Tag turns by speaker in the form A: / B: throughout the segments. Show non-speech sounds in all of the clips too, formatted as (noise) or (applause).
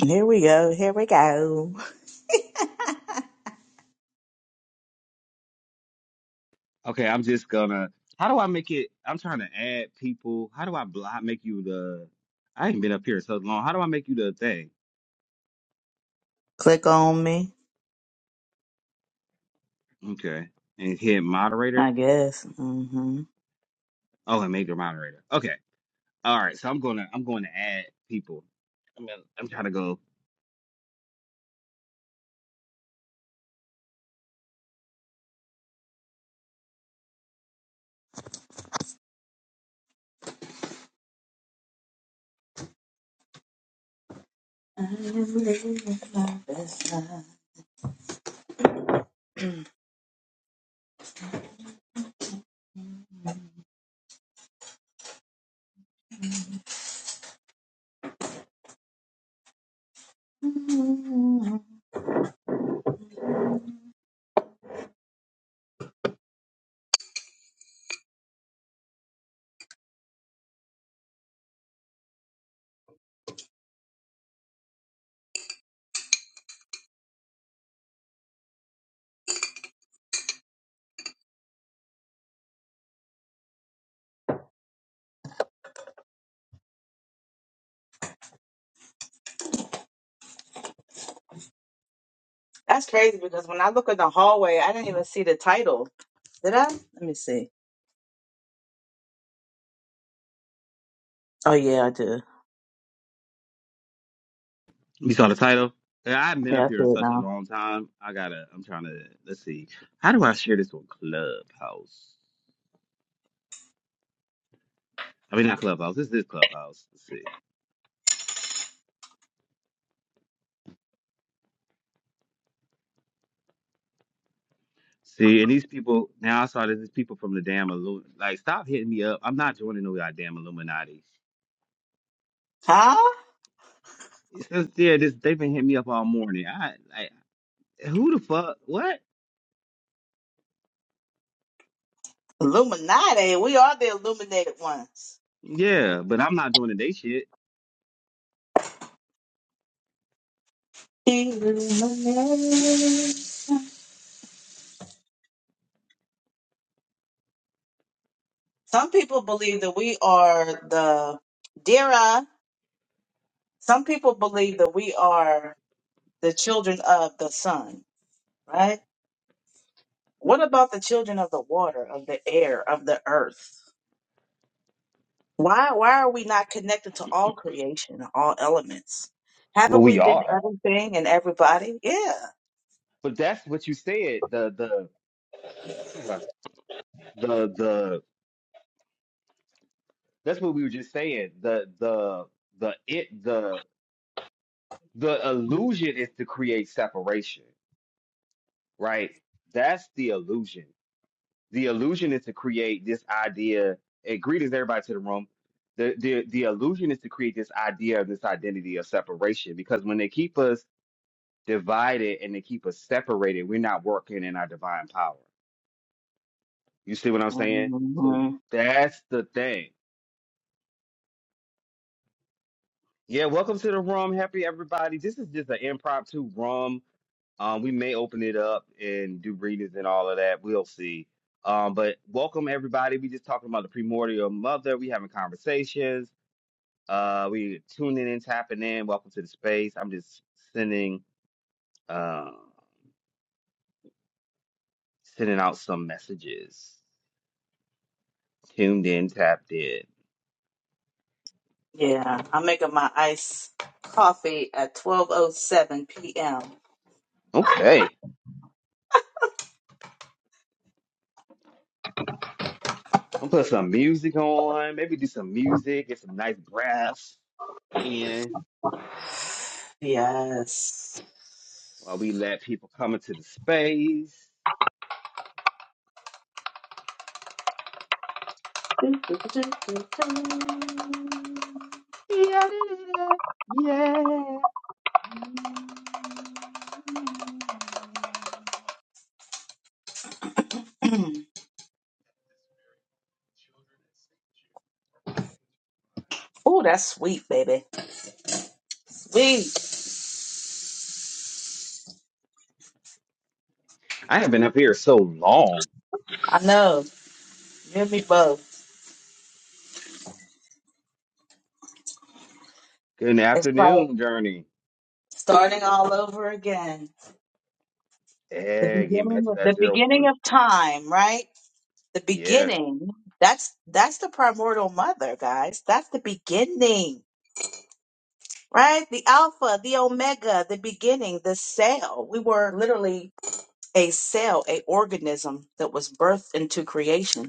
A: Here we go. Here we go.
B: Okay, I'm just gonna. How do I make it? I'm trying to add people. How do I block, make you the? I ain't been up here so long. How do I make you the thing?
A: Click on me,
B: Okay, and hit
A: I
B: moderator.
A: guess. hmm
B: Oh, and make your moderator. Okay, all right. So I'm gonna I'm going to add people. I'm gonna, I'm trying to go.
A: That's crazy because when I look in the hallway, I didn't even see the title. Did I? Let me see. Oh, yeah, I did.
B: You saw the title. Yeah, I've been
A: Yeah,
B: up
A: I see
B: here
A: it
B: such a
A: now.
B: long time. I gotta. I'm trying to. Let's see. How do I share this on Clubhouse? I mean, not Clubhouse. This is Clubhouse. Let's see. See, and these people now I saw that these people from the damn Illuminati. Like, stop hitting me up. I'm not joining no goddamn Illuminati.
A: Huh?
B: It's just, yeah, this they've been hitting me up all morning. I like who the fuck? What?
A: Illuminati. We are the illuminated ones.
B: Yeah, but I'm not joining they shit.
A: Illuminati. Some people believe that we are the Dira. Some people believe that we are. the children of the sun, right? What about the children of the water, of the air, of the earth? Why why are we not connected to all creation, all elements?
B: Well,
A: Haven't we
B: we
A: been
B: are.
A: everything and everybody? Yeah.
B: But that's what you said. The the the the that's what we were just saying. The the the it the the illusion is to create separation, right? That's the illusion. the illusion is to create this idea. And greetings, everybody, to the room. The, the the illusion is to create this idea of this identity of separation because when they keep us divided and they keep us separated, we're not working in our divine power. You see what I'm saying? So
A: Mhm.
B: that's the thing. Yeah, welcome to the room. Happy everybody. This is just an impromptu room. Um, we may open it up and do readings and all of that. We'll see. Um, but welcome everybody. We just talking about the primordial mother. We having conversations Uh, we tuning in, tapping in. Welcome to the space. I'm just sending, uh, sending out some messages. Tuned in, tapped in.
A: Yeah. I'm making my iced coffee at twelve oh seven PM.
B: Okay, I'm gonna put some music on. Maybe do some music, get some nice breaths in
A: Yes.
B: while we let people come into the space.
A: (clears throat)
B: Yeah, yeah.
A: Oh, that's sweet, baby. Sweet.
B: I have not been up here so long.
A: I know. Give me both.
B: Good
A: It's like
B: afternoon, Journey.
A: starting all over again. The
B: Yeah, getting
A: beginning
B: back to
A: of
B: that
A: the
B: zero
A: beginning
B: point.
A: of time, right? The
B: Yeah.
A: beginning. That's that's the primordial mother, guys. That's the beginning, right? The alpha, the omega, the beginning, the cell. We were literally a cell, a organism that was birthed into creation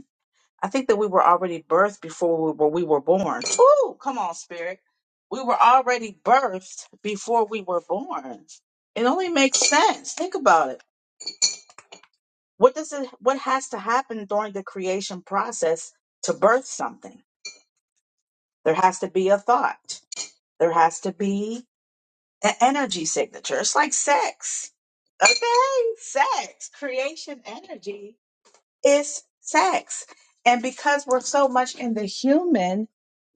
A: I think that we were already birthed before we were, we were born. Ooh, come on, spirit. We were already birthed before we were born. It only makes sense. Think about it. What does it what has to happen during the creation process to birth something? There has to be a thought. There has to be an energy signature. It's like sex. Okay, sex, creation energy is sex. And because we're so much in the human,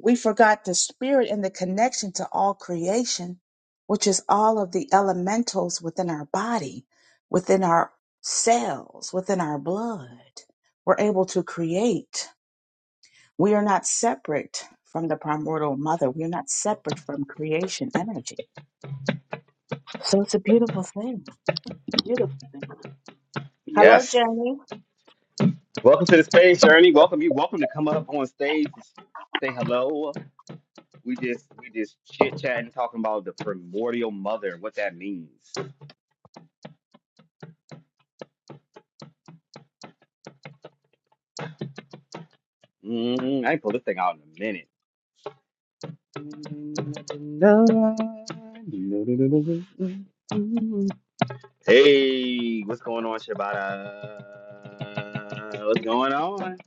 A: we forgot the spirit and the connection to all creation, which is all of the elementals within our body, within our cells, within our blood. We're able to create. We are not separate from the primordial mother. We are not separate from creation energy. So it's a beautiful thing. Beautiful thing. Hello,
B: Yes.
A: Jenny.
B: Welcome to the stage, Journey. Welcome you. Welcome to come up on stage, and say hello. We just we just chit chatting, talking about the primordial mother and what that means. Mm, I can pull this thing out in a minute. Hey, what's going on, Shabata? What's going on?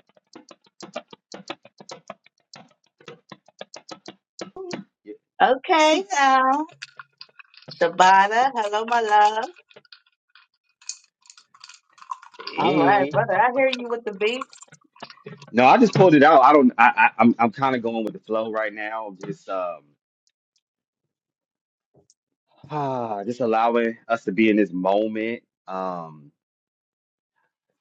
A: Okay, now. Shabada. Hello, my love. All
B: Hey,
A: right, brother. I hear you with the beat.
B: no, I just pulled it out. I don't. I, I I'm I'm kind of going with the flow right now. Just um. Ah, just allowing us to be in this moment. Um,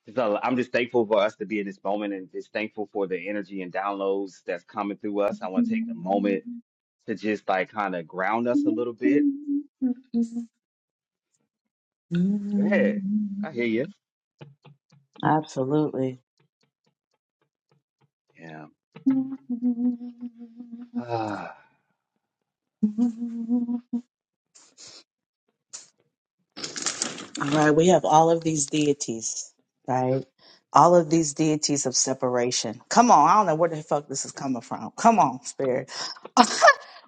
B: just al- I'm just thankful for us to be in this moment and just thankful for the energy and downloads that's coming through us. I want to take a moment to just like kind of ground us a little bit. Hey, I hear you.
A: Absolutely.
B: Yeah. Ah,
A: All right, we have all of these deities, right? All of these deities of separation. Come on, I don't know where the fuck this is coming from. Come on, spirit. (laughs)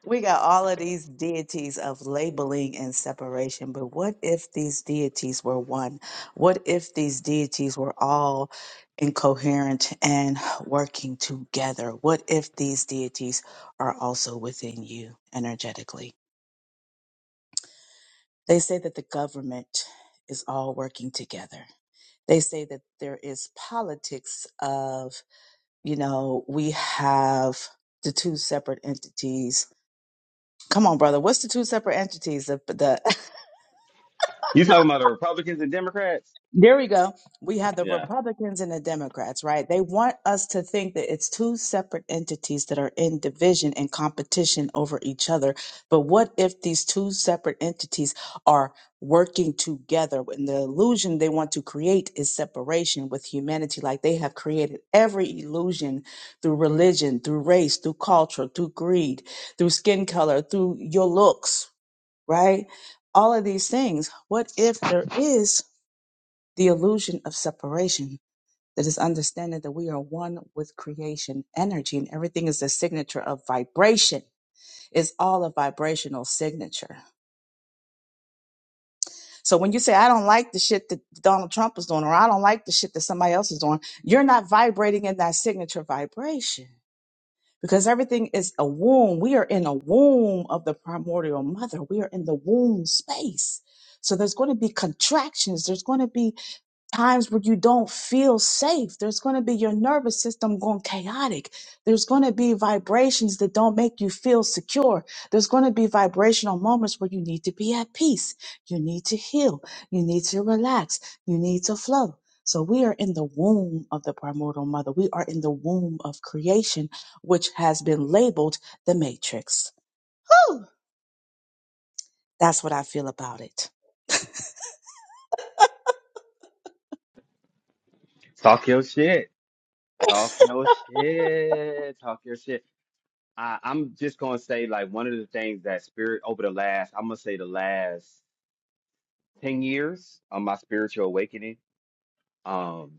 A: we got all of these deities of labeling and separation, but what if these deities were one? What if these deities were all incoherent and working together? What if these deities are also within you energetically? They say that the government is all working together they say that there is politics of, you know, we have the two separate entities. Come on, brother. What's the two separate entities of the?
B: (sighs) you talking about the Republicans and Democrats?
A: There we go. We have the
B: Yeah.
A: Republicans and the Democrats, right? They want us to think that it's two separate entities that are in division and competition over each other. But what if these two separate entities are working together? And the illusion they want to create is separation with humanity, like they have created every illusion through religion, through race, through culture, through greed, through skin color, through your looks, right? All of these things. What if there is? the illusion of separation that is understanding that we are one with creation energy and everything is a signature of vibration it's all a vibrational signature so when you say i don't like the shit that donald trump is doing or i don't like the shit that somebody else is doing you're not vibrating in that signature vibration because everything is a womb we are in a womb of the primordial mother we are in the womb space so there's going to be contractions there's going to be times where you don't feel safe there's going to be your nervous system going chaotic there's going to be vibrations that don't make you feel secure there's going to be vibrational moments where you need to be at peace you need to heal you need to relax you need to flow so we are in the womb of the primordial mother we are in the womb of creation which has been labeled the matrix Woo! that's what i feel about it
B: Talk your shit. Talk your shit. Talk your shit. I, I'm just gonna say like one of the things that spirit over the last, I'm gonna say the last. 10 years on my spiritual awakening um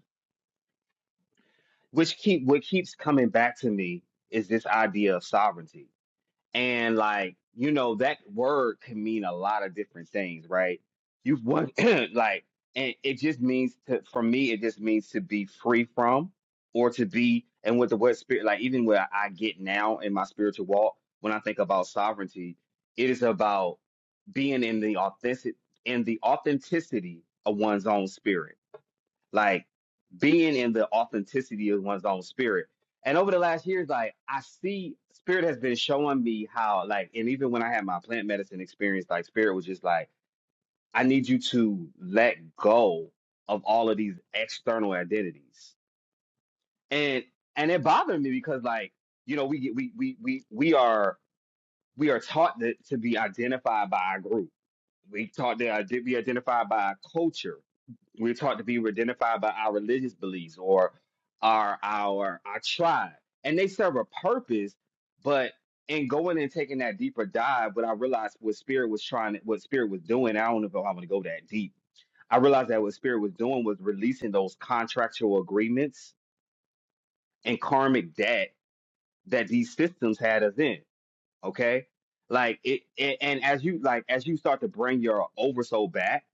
B: which keep what keeps coming back to me is this idea of sovereignty and like you know that word can mean a lot of different things right you've won (clears throat) like and it just means to for me it just means to be free from or to be and with the word spirit like even where i get now in my spiritual walk when i think about sovereignty it is about being in the authentic in the authenticity of one's own spirit like being in the authenticity of one's own spirit. And over the last years, like I see spirit has been showing me how, like, and even when I had my plant medicine experience, like spirit was just like, I need you to let go of all of these external identities. And and it bothered me because like, you know, we get we we we we are we are taught that, to be identified by our group we taught that to uh, be identified by our culture. We're taught to be identified by our religious beliefs or our our our tribe, and they serve a purpose. But in going and taking that deeper dive, what I realized what spirit was trying, what spirit was doing, I don't know if I want to go that deep. I realized that what spirit was doing was releasing those contractual agreements and karmic debt that these systems had us in. Okay, like it, it and as you like as you start to bring your oversoul back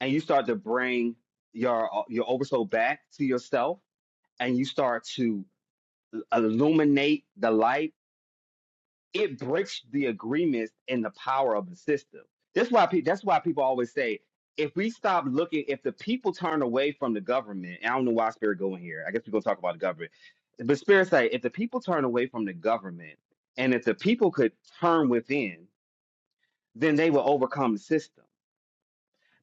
B: and you start to bring your your oversoul back to yourself and you start to illuminate the light it breaks the agreements and the power of the system that's why people that's why people always say if we stop looking if the people turn away from the government and i don't know why spirit going here i guess we're going to talk about the government but spirit say if the people turn away from the government and if the people could turn within then they will overcome the system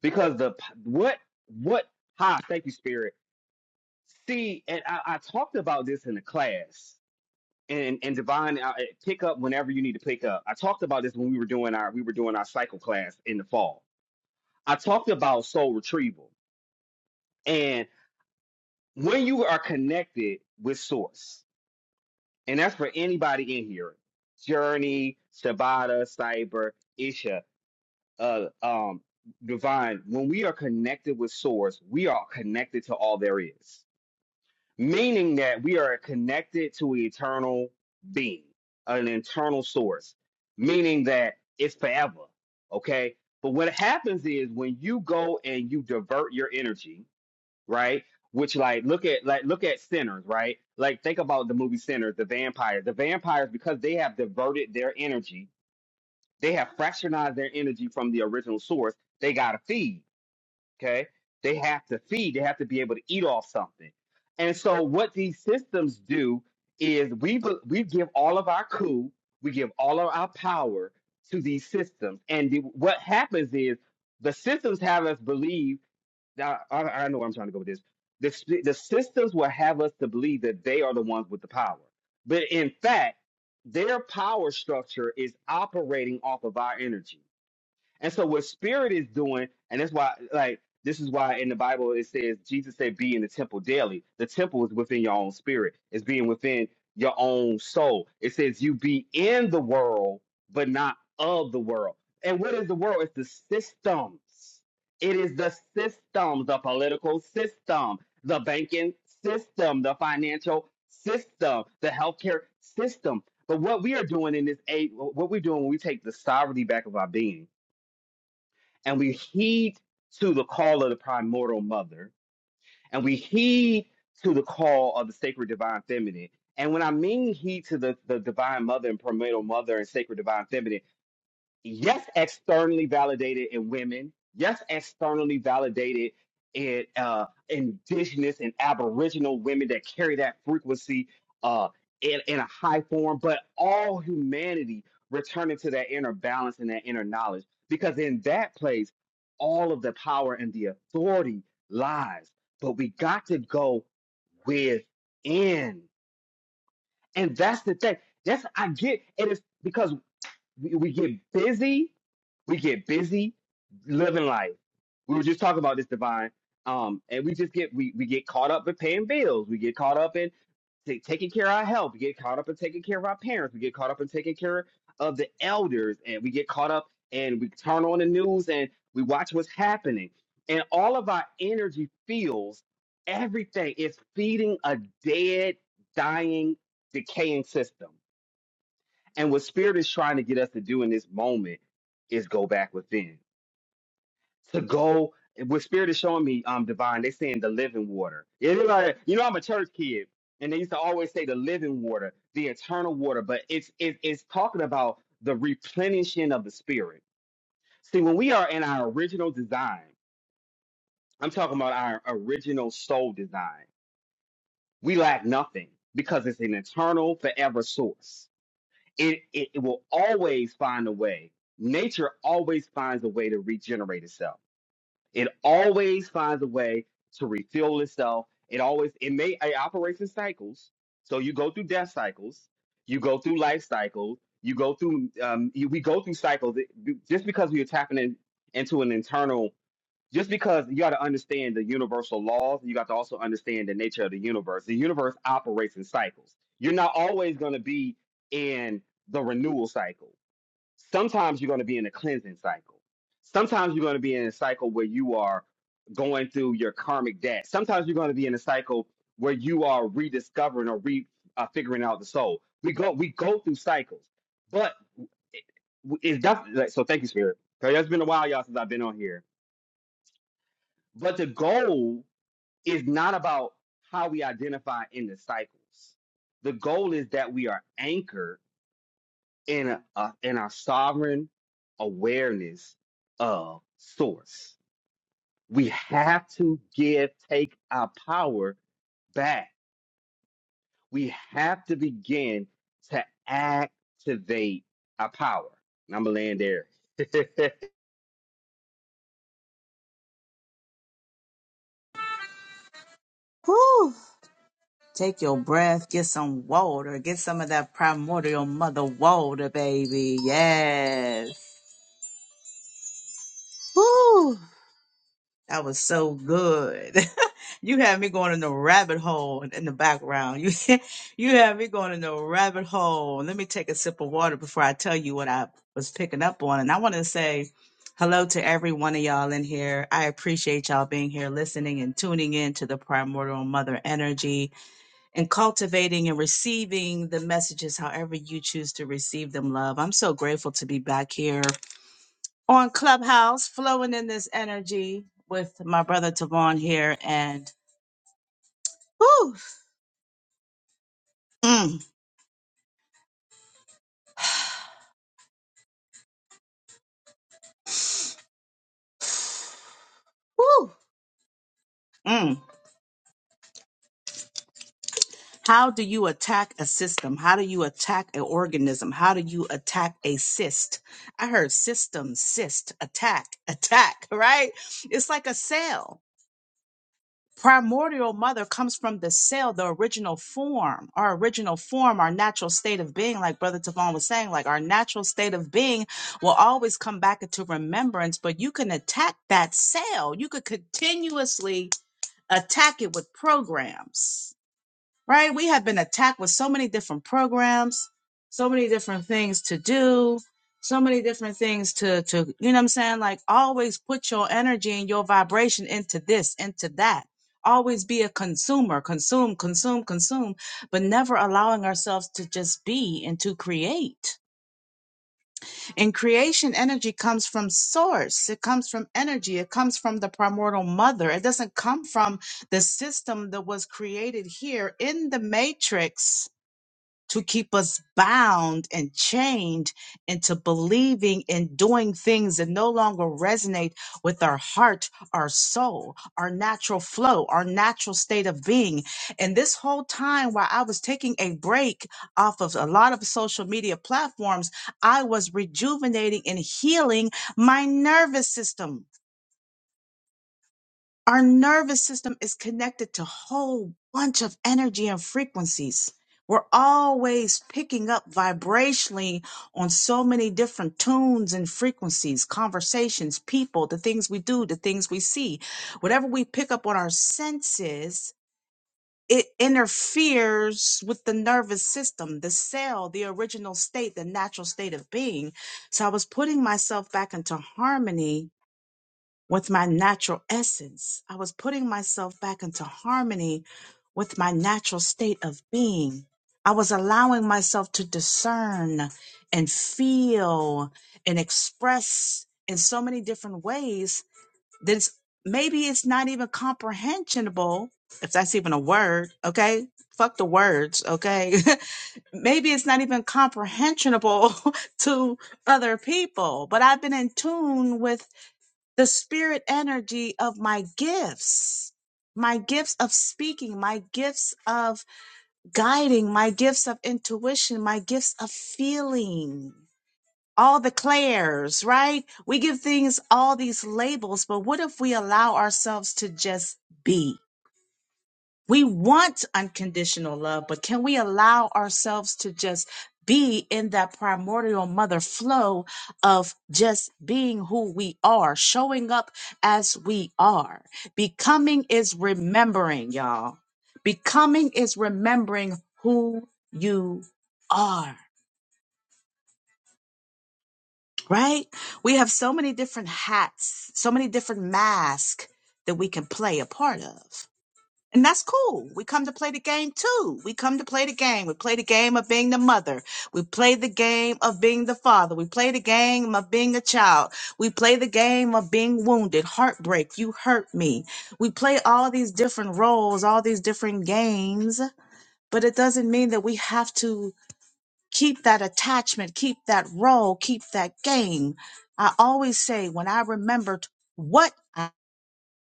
B: because the p- what what ha thank you spirit See, and I, I talked about this in the class, and and Divine, I, I- pick up whenever you need to pick up. I talked about this when we were doing our we were doing our cycle class in the fall. I talked about soul retrieval, and when you are connected with Source, and that's for anybody in here, Journey, Shabata, Cyber, Isha, uh, um, Divine. When we are connected with Source, we are connected to all there is meaning that we are connected to an eternal being, an internal source, meaning that it's forever. Okay. But what happens is when you go and you divert your energy, right? Which like look at like look at sinners, right? Like think about the movie Sinners, the vampires. The vampires, because they have diverted their energy, they have fractionized their energy from the original source, they gotta feed. Okay. They have to feed, they have to be able to eat off something. And so what these systems do is we be- we give all of our coup, we give all of our power to these systems. And the, what happens is the systems have us believe now I, I know where I'm trying to go with this. The, s- the systems will have us to believe that they are the ones with the power. But in fact, their power structure is operating off of our energy and so what spirit is doing, and that's why like this is why in the Bible it says Jesus said be in the temple daily. The temple is within your own spirit. It's being within your own soul. It says you be in the world, but not of the world. And what is the world? It's the systems. It is the system, the political system, the banking system, the financial system, the healthcare system. But what we are doing in this age, what we're doing when we take the sovereignty back of our being, and we heed to the call of the primordial mother, and we heed to the call of the sacred divine feminine. And when I mean heed to the, the divine mother and primordial mother and sacred divine feminine, yes, externally validated in women. Yes, externally validated in uh, indigenous and aboriginal women that carry that frequency uh, in, in a high form, but all humanity returning to that inner balance and that inner knowledge. Because in that place, all of the power and the authority lies. But we got to go within. And that's the thing. That's I get it is because we, we get busy, we get busy living life. We were just talking about this divine, um, and we just get we we get caught up in paying bills. We get caught up in ta- taking care of our health. We get caught up in taking care of our parents. We get caught up in taking care of the elders, and we get caught up and we turn on the news and we watch what's happening. And all of our energy feels everything is feeding a dead, dying, decaying system and what spirit is trying to get us to do in this moment is go back within. To go, what spirit is showing me, um, divine, they saying the living water. It's like- you know, I'm a church kid, and they used to always say the living water, the eternal water, but it's it, it's talking about the replenishing of the spirit. See, when we are in our original design, I'm talking about our original soul design. We lack nothing because it's an eternal, forever source. it, it, it will always find a way. Nature always finds a way to regenerate itself. It always finds a way to refuel itself. It always it may it operates in cycles. So you go through death cycles, you go through life cycles, you go through um, you, we go through cycles. It- just because we are tapping in, into an internal just because you got to understand the universal laws, you got to also understand the nature of the universe. The universe operates in cycles. You're not always going to be in the renewal cycle. Sometimes you're going to be in a cleansing cycle. Sometimes you're going to be in a cycle where you are going through your karmic debt. Sometimes you're going to be in a cycle where you are rediscovering or re uh, figuring out the soul. We go we go through cycles, but it, it's definitely so. Thank you, Spirit. 'Cause It's been a while, y'all, since I've been on here but the goal is not about how we identify in the cycles. The goal is that we are anchored in a, a- in our sovereign awareness of source. We have to give take our power back. We have to begin to activate our power. And I'm gonna land there. (laughs)
A: Woo! Take your breath, get some water, get some of that primordial mother water, baby. Yes. Woo! That was so good. (laughs) you had me going in the rabbit hole in the background. (laughs) You you had me going in the rabbit hole. Let me take a sip of water before I tell you what I was picking up on. And I want to say hello to every one of y'all in here. I appreciate y'all being here listening and tuning in to the primordial mother energy. and cultivating and receiving the messages however you choose to receive them, love. I'm so grateful to be back here on Clubhouse, flowing in this energy with my brother Tavon here. And whoo, mm, (sighs) whoo. Mm. How do you attack a system? How do you attack an organism? How do you attack a cyst? I heard system, cyst, attack, (laughs) attack, right? It's like a cell primordial mother comes from the cell, the original form, our original form, our natural state of being, like Brother Tavon was saying, like our natural state of being will always come back into remembrance, but you can attack that cell. You could continuously attack it with programs right? We have been attacked with so many different programs, so many different things to do, so many different things to to you know what I'm saying? Like always put your energy and your vibration into this, into that. Always be a consumer, consume, consume, consume, but never allowing ourselves to just be and to create. And creation energy comes from source. It comes from energy. It comes from the primordial mother. It doesn't come from the system that was created here in the matrix to keep us bound and chained into believing and doing things that no longer resonate with our heart, our soul, our natural flow, our natural state of being. And this whole time, while I was taking a break off of a lot of social media platforms, I was rejuvenating and healing my nervous system our nervous system is connected to a whole bunch of energy and frequencies. We're always picking up vibrationally on so many different tunes and frequencies, conversations, people, the things we do, the things we see. Whatever we pick up on our senses, it interferes with the nervous system, the cell, the original state, the natural state of being. So I was putting myself back into harmony with my natural essence. I was putting myself back into harmony with my natural state of being. I was allowing myself to discern and feel and express in so many different ways that it's, maybe it's not even comprehensible, if that's even a word, okay? Fuck the words, okay? (laughs) maybe it's not even comprehensible (laughs) to other people, but I've been in tune with the spirit energy of my gifts, my gifts of speaking, my gifts of guiding, my gifts of intuition, my gifts of feeling. All the clairs, right? We give things all these labels, but what if we allow ourselves to just be? We want unconditional love, but can we allow ourselves to just be in that primordial mother flow of just being who we are, showing up as we are? Becoming is remembering, y'all. Becoming is remembering who you are, right? We have so many different hats, so many different masks that we can play a part of. And that's cool. We come to play the game too. We come to play the game. We play the game of being the mother. We play the game of being the father. We play the game of being a child. We play the game of being wounded, heartbreak, you hurt me. We play all these different roles, all these different games, but it doesn't mean that we have to keep that attachment, keep that role, keep that game. I always say when I remembered what I,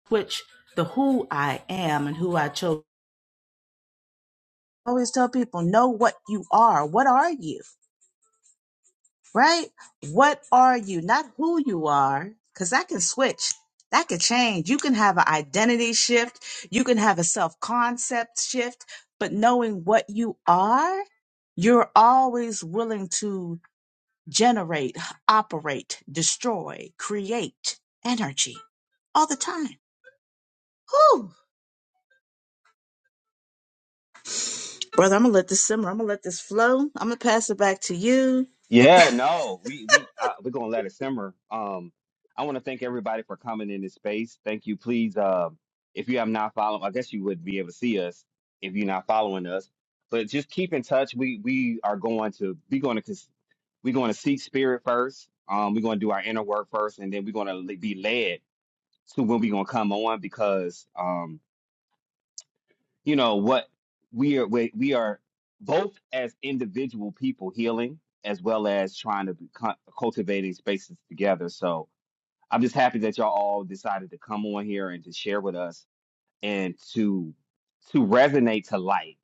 A: which the who I am and who I chose always tell people know what you are what are you right what are you not who you are because that can switch that can change you can have an identity shift you can have a self-concept shift but knowing what you are you're always willing to generate operate destroy create energy all the time Whew. brother i'm gonna let this simmer i'm gonna let this flow i'm gonna pass it back to you
B: Yeah,
A: (laughs)
B: no, we we uh, we're gonna let it simmer. Um, I want to thank everybody for coming in this space. Thank you. Please, uh, if you have not followed, I guess you would be able to see us if you're not following us. But just keep in touch. We we are going to be going to we're going to seek spirit first. Um, we're going to do our inner work first, and then we're going to be led to when we're going to come on because um you know what we are we, we are both as individual people healing as well as trying to be cu- cultivating spaces together so i'm just happy that y'all all decided to come on here and to share with us and to to resonate to light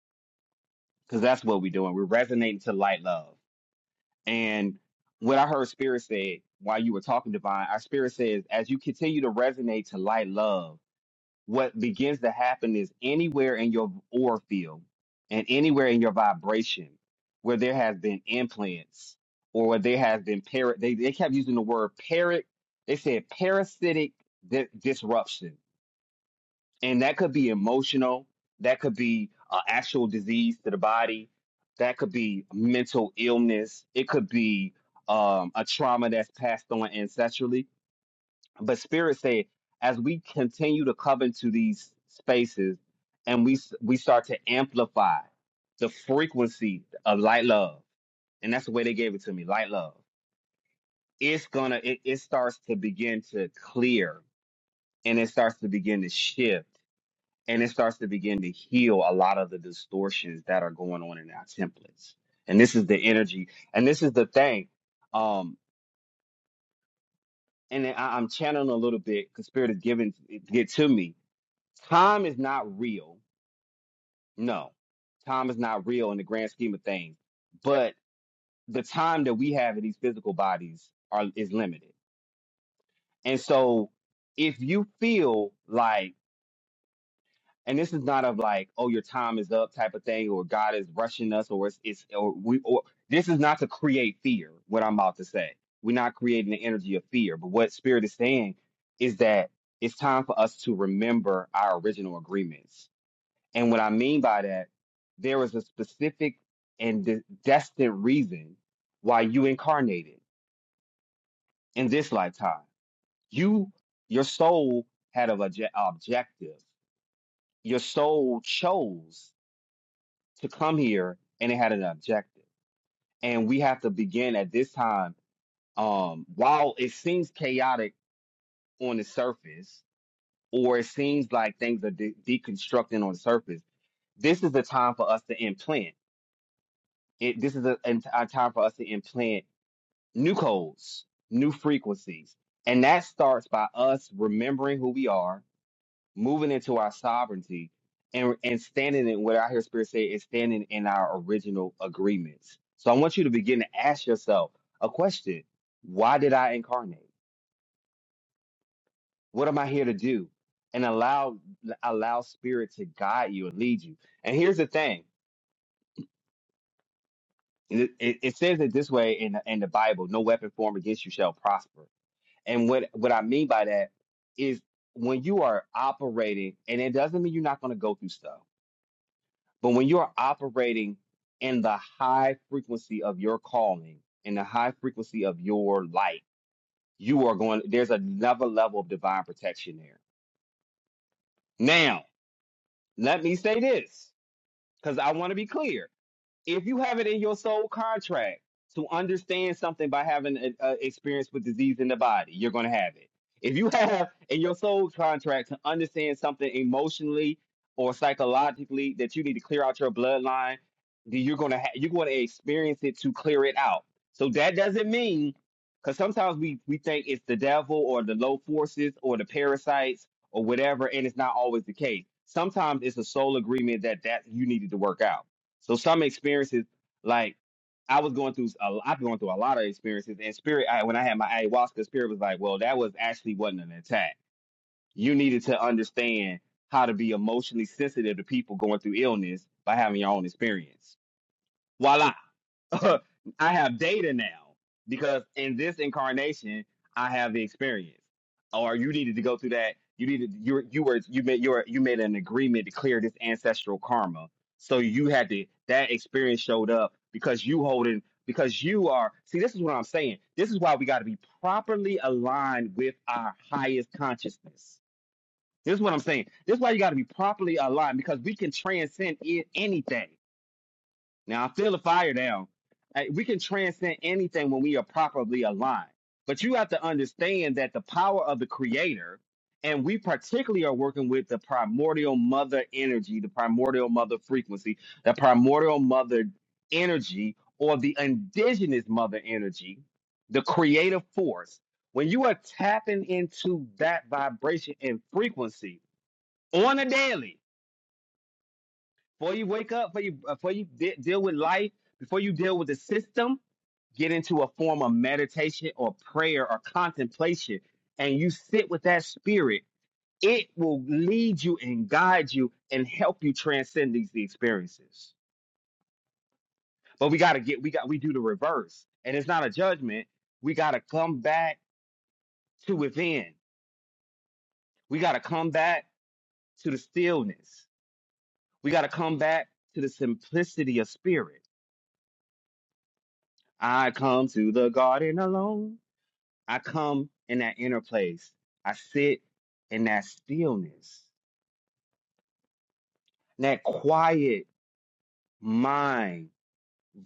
B: because that's what we're doing we're resonating to light love and what i heard spirit said while you were talking divine our spirit says as you continue to resonate to light love what begins to happen is anywhere in your aura field and anywhere in your vibration where there has been implants or where there has been parrot they, they kept using the word parrot they said parasitic di- disruption and that could be emotional that could be uh, actual disease to the body that could be mental illness it could be um, a trauma that's passed on ancestrally but spirit said as we continue to come into these spaces and we s- we start to amplify the frequency of light love and that's the way they gave it to me light love it's gonna it, it starts to begin to clear and it starts to begin to shift and it starts to begin to heal a lot of the distortions that are going on in our templates and this is the energy and this is the thing um and I, i'm channeling a little bit because spirit is giving it to me Time is not real. No, time is not real in the grand scheme of things. But the time that we have in these physical bodies are is limited. And so if you feel like and this is not of like, oh, your time is up type of thing, or God is rushing us, or it's, it's or we, or this is not to create fear. What I'm about to say, we're not creating the energy of fear. But what Spirit is saying is that it's time for us to remember our original agreements And what I mean by that, there was a specific and de- destined reason why you incarnated in this lifetime. You, your soul had an obje- objective. Your soul chose to come here and it had an objective. And we have to begin at this time. Um, while it seems chaotic on the surface, or it seems like things are de- deconstructing on the surface, this is the time for us to implant. it, this is a, an- a time for us to implant new codes, new frequencies. And that starts by us remembering who we are, moving into our sovereignty, and, and standing in what I hear Spirit say is standing in our original agreements. So I want you to begin to ask yourself a question Why did I incarnate? What am I here to do? And allow allow spirit to guide you and lead you. And here's the thing: it, it, it says it this way in, in the Bible: No weapon formed against you shall prosper And what what I mean by that is when you are operating, and it doesn't mean you're not going to go through stuff, but when you are operating in the high frequency of your calling, in the high frequency of your light, you are going. There's another level of divine protection there. Now, let me say this because I want to be clear if you have it in your soul contract to understand something by having an experience with disease in the body, you're going to have it. If you (laughs) have in your soul contract to understand something emotionally or psychologically that you need to clear out your bloodline, then you're going to ha- you're going to experience it to clear it out. So that doesn't mean because sometimes we we think it's the devil or the low forces or the parasites or whatever, and it's not always the case. Sometimes it's a soul agreement that that you needed to work out. So some experiences, like I was going through, a, I've been going through a lot of experiences. And spirit, I, when I had my ayahuasca, spirit was like, "Well, that was actually wasn't an attack. You needed to understand how to be emotionally sensitive to people going through illness by having your own experience." Voila. (laughs) I have data now because in this incarnation, I have the experience. Or you needed to go through that. You needed you you were you made your you made an agreement to clear this ancestral karma. So you had to that experience showed up because you holding because you are see this is what I'm saying. This is why we got to be properly aligned with our highest consciousness. This is what I'm saying. This is why you got to be properly aligned because we can transcend i- anything. Now I feel the fire now. Hey, We can transcend anything when we are properly aligned. But you have to understand that the power of the creator, and we particularly are working with the primordial mother energy, the primordial mother frequency, the primordial mother energy, or the indigenous mother energy, the creative force. When you are tapping into that vibration and frequency on a daily, before you wake up, before you before you de- deal with life, before you deal with the system, get into a form of meditation or prayer or contemplation and you sit with that spirit, it will lead you and guide you and help you transcend these experiences. But we got to get, we got, we do the reverse. And it's not a judgment. We got to come back to within. We got to come back to the stillness. We got to come back to the simplicity of spirit. I come to the garden alone. I come in that inner place. I sit in that stillness, in that quiet mind,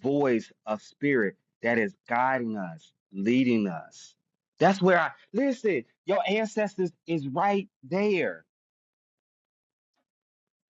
B: voice of spirit that is guiding us, leading us. That's where I listen. Your ancestors is right there.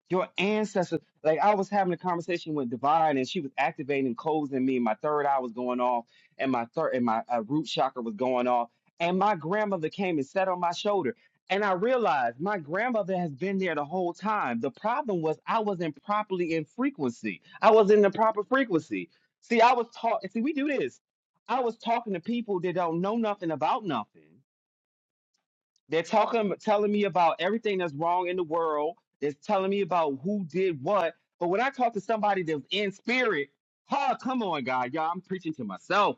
B: your ancestors. Like I was having a conversation with Divine, and she was activating codes in me. and My third eye was going off, and my third and my uh, root chakra was going off. And my grandmother came and sat on my shoulder, and I realized my grandmother has been there the whole time. The problem was I wasn't properly in frequency. I was in the proper frequency. See, I was taught. See, we do this. I was talking to people that don't know nothing about nothing they're talking, telling me about everything that's wrong in the world. They're telling me about who did what. But when I talk to somebody that's in spirit, oh, come on, God, y'all, I'm preaching to myself.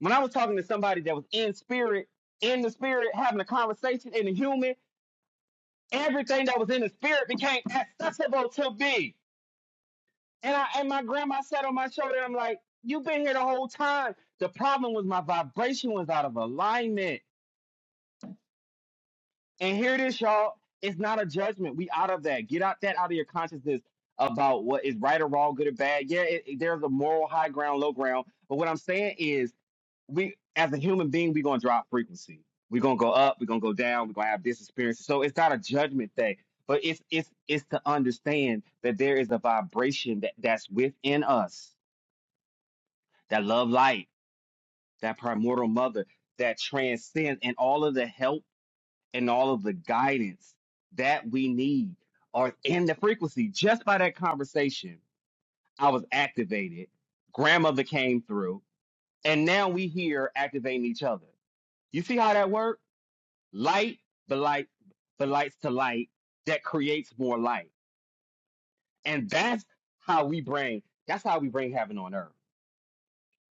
B: When I was talking to somebody that was in spirit, in the spirit, having a conversation in the human, everything that was in the spirit became accessible to me. And I and my grandma sat on my shoulder. I'm like, you've been here the whole time. The problem was my vibration was out of alignment. And here it is, y'all. It's not a judgment. We out of that. Get out that out of your consciousness about what is right or wrong, good or bad. Yeah, it, it- there's a moral high ground, low ground. But what I'm saying is, we as a human being, we're gonna drop frequency. We're gonna go up. We're gonna go down. We're gonna have this experience. So it's not a judgment thing, but it's it's it's to understand that there is a vibration that that's within us that love light, that primordial mother that transcends, and all of the help and all of the guidance that we need are in the frequency. Just by that conversation, I was activated. Grandmother came through, and now we here activating each other. You see how that worked? Light, the light, the lights to light that creates more light, and that's how we bring. That's how we bring heaven on earth.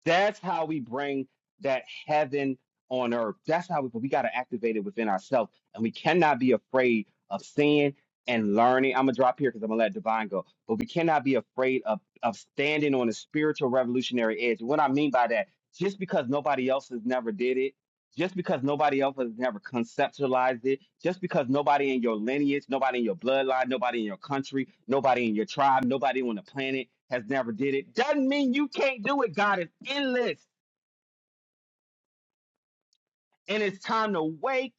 B: That's how we bring that heaven on earth. That's how we, we got to activate it within ourselves. And we cannot be afraid of seeing and learning. I'm going to drop here because I'm going to let Divine go. But we cannot be afraid of, of standing on a spiritual revolutionary edge. What I mean by that, just because nobody else has never did it just because nobody else has ever conceptualized it, just because nobody in your lineage, nobody in your bloodline, nobody in your country, nobody in your tribe, nobody on the planet has never did it, doesn't mean you can't do it. God is endless. And it's time to wake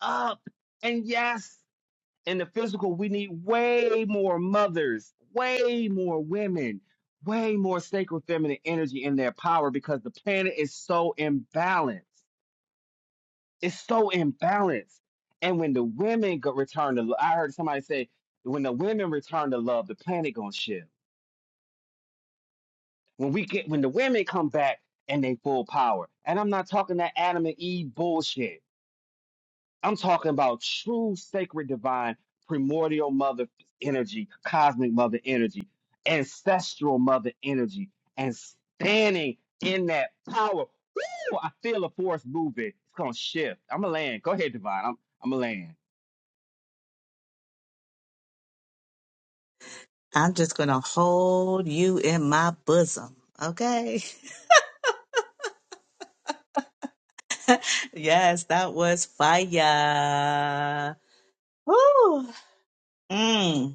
B: up. And yes, in the physical, we need way more mothers, way more women, way more sacred feminine energy in their power because the planet is so imbalanced. It's so imbalanced. And when the women go return to, lo- I heard somebody say, when the women return to love, the planet gonna shift. When we get, when the women come back and they full power, and I'm not talking that Adam and Eve bullshit. I'm talking about true sacred divine primordial mother energy, cosmic mother energy, ancestral mother energy, and standing in that power. Woo! I feel the force moving. It's gonna shift. I'm a land. Go ahead, divine. I'm I'm a land.
A: I'm just going to hold you in my bosom. Okay. (laughs) Yes, that was fire. Woo. Mm.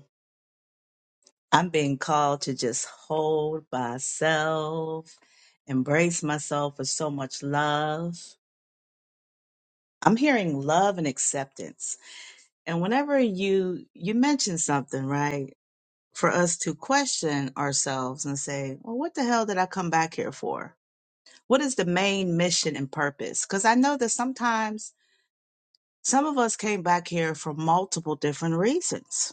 A: I'm being called to just hold myself, embrace myself with so much love. I'm hearing love and acceptance. And whenever you you mention something, right, for us to question ourselves and say, "Well, what the hell did I come back here for? What is the main mission and purpose?" Cuz I know that sometimes some of us came back here for multiple different reasons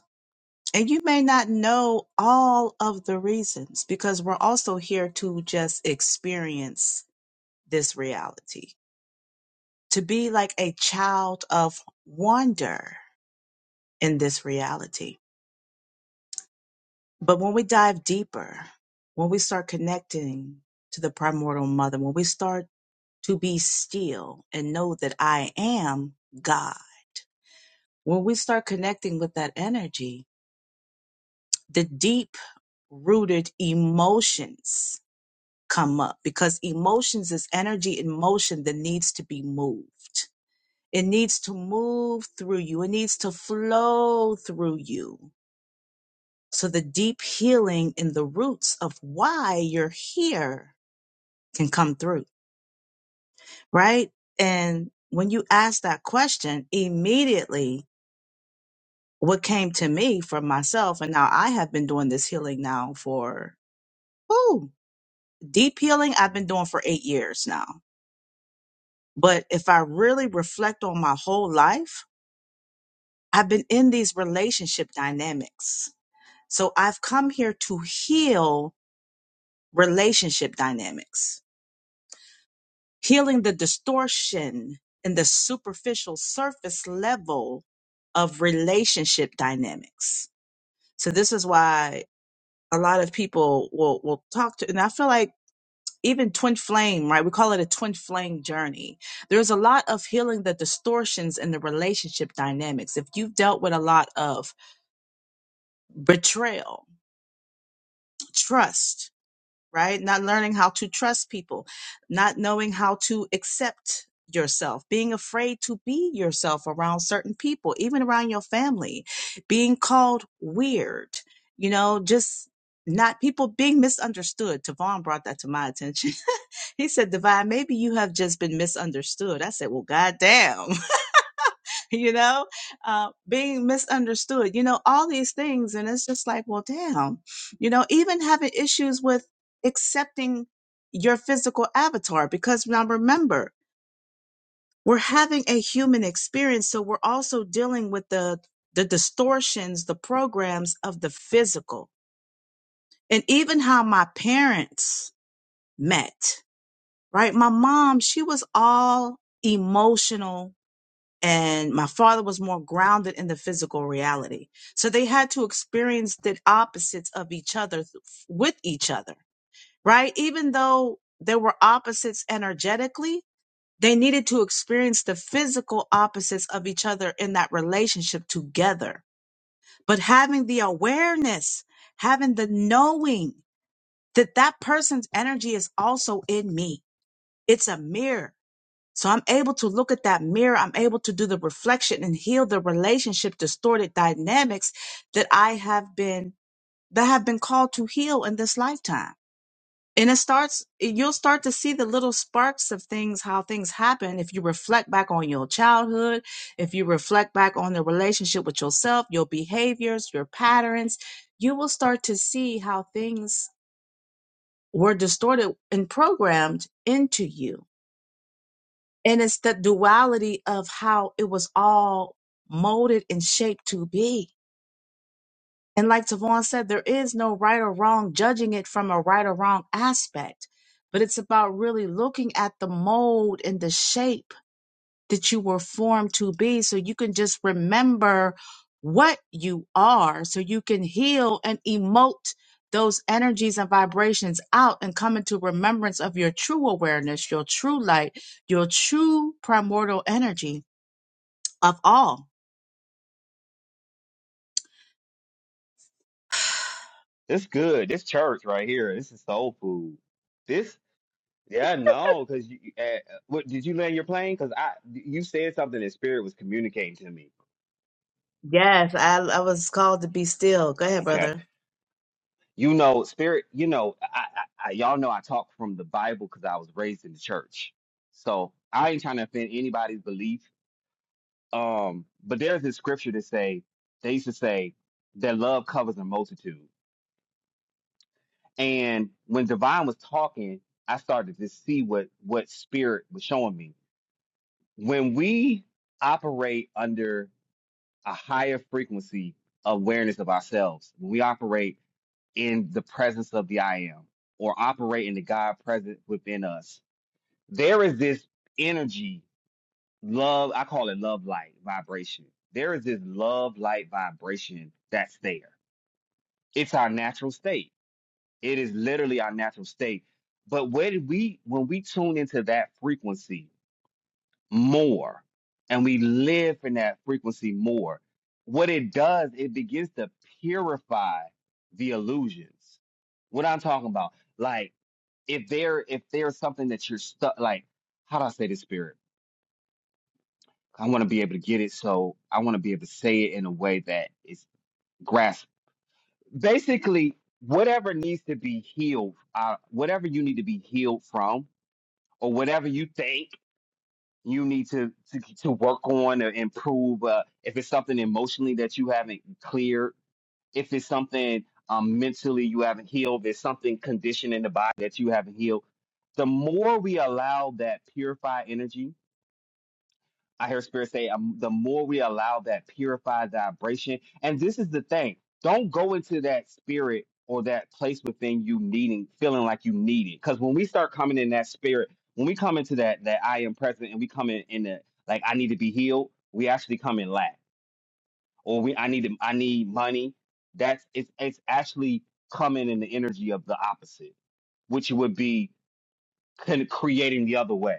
A: And you may not know all of the reasons because we're also here to just experience this reality, to be like a child of wonder in this reality. But when we dive deeper, when we start connecting to the primordial mother, when we start to be still and know that I am God, when we start connecting with that energy, the deep rooted emotions come up because emotions is energy in motion that needs to be moved. It needs to move through you. It needs to flow through you. So the deep healing in the roots of why you're here can come through, right? And when you ask that question, immediately what came to me for myself, and now I have been doing this healing now for, ooh, deep healing I've been doing for eight years now But if I really reflect on my whole life, I've been in these relationship dynamics. So I've come here to heal relationship dynamics, healing the distortion in the superficial surface level of relationship dynamics. So this is why a lot of people will, will talk to, and I feel like even twin flame, right? We call it a twin flame journey. There's a lot of healing the distortions in the relationship dynamics. If you've dealt with a lot of betrayal, trust, right? Not learning how to trust people, not knowing how to accept yourself, being afraid to be yourself around certain people, even around your family, being called weird, you know, just not people being misunderstood. Tavon brought that to my attention. (laughs) he said, Divine, maybe you have just been misunderstood. I said, Well, goddamn. (laughs) (laughs) you know, uh, being misunderstood, you know, all these things. And it's just like, well, damn, you know, even having issues with accepting your physical avatar, because now remember, we're having a human experience. So we're also dealing with the, the distortions, the programs of the physical and even how my parents met, right? My mom, she was all emotional and my father was more grounded in the physical reality. So they had to experience the opposites of each other th- with each other, right? Even though they were opposites energetically, they needed to experience the physical opposites of each other in that relationship together. But having the awareness, having the knowing that that person's energy is also in me, it's a mirror. So I'm able to look at that mirror. I'm able to do the reflection and heal the relationship distorted dynamics that I have been, that have been called to heal in this lifetime. And it starts, you'll start to see the little sparks of things, how things happen. If you reflect back on your childhood, if you reflect back on the relationship with yourself, your behaviors, your patterns, you will start to see how things were distorted and programmed into you And it's the duality of how it was all molded and shaped to be. And like Tavon said, there is no right or wrong judging it from a right or wrong aspect, but it's about really looking at the mold and the shape that you were formed to be so you can just remember what you are so you can heal and emote those energies and vibrations out and come into remembrance of your true awareness, your true light, your true primordial energy of all.
B: This good. This church right here. This is soul food. This, yeah, no, because you. you- Uh, what did you land your plane? Because I, you said something that spirit was communicating to me.
A: Yes, I, I was called to be still. Go ahead,
B: Okay,
A: brother.
B: you know, spirit. You know, I, I, I y'all know I talk from the Bible because I was raised in the church, so I ain't trying to offend anybody's belief. Um, but there's this scripture that say they used to say that love covers a multitude, and when Divine was talking, I started to see what what spirit was showing me when we operate under a higher frequency awareness of ourselves, when we operate in the presence of the I am or operate in the God present within us, there is this energy, love, I call it love light vibration. There is this love light vibration that's there. It's our natural state. It is literally our natural state. But when we when we tune into that frequency, more and we live in that frequency more, what it does, it begins to purify the illusions. What I'm talking about, like if there if there's something that you're stuck, like how do I say this, spirit? I want to be able to get it, so I want to be able to say it in a way that is grasp. Basically, whatever needs to be healed, uh, whatever you need to be healed from, or whatever you think you need to to, to work on or improve uh, if it's something emotionally that you haven't cleared if it's something um, mentally you haven't healed there's something conditioned in the body that you haven't healed the more we allow that purified energy I hear Spirit say, um, the more we allow that purified vibration, and this is the thing: don't go into that spirit or that place within you needing, feeling like you need it. Because when we start coming in that spirit, when we come into that that I am present, and we come in in the like I need to be healed, we actually come in lack, or we I need to, I need money. That's it's it's actually coming in the energy of the opposite, which would be kind of creating the other way.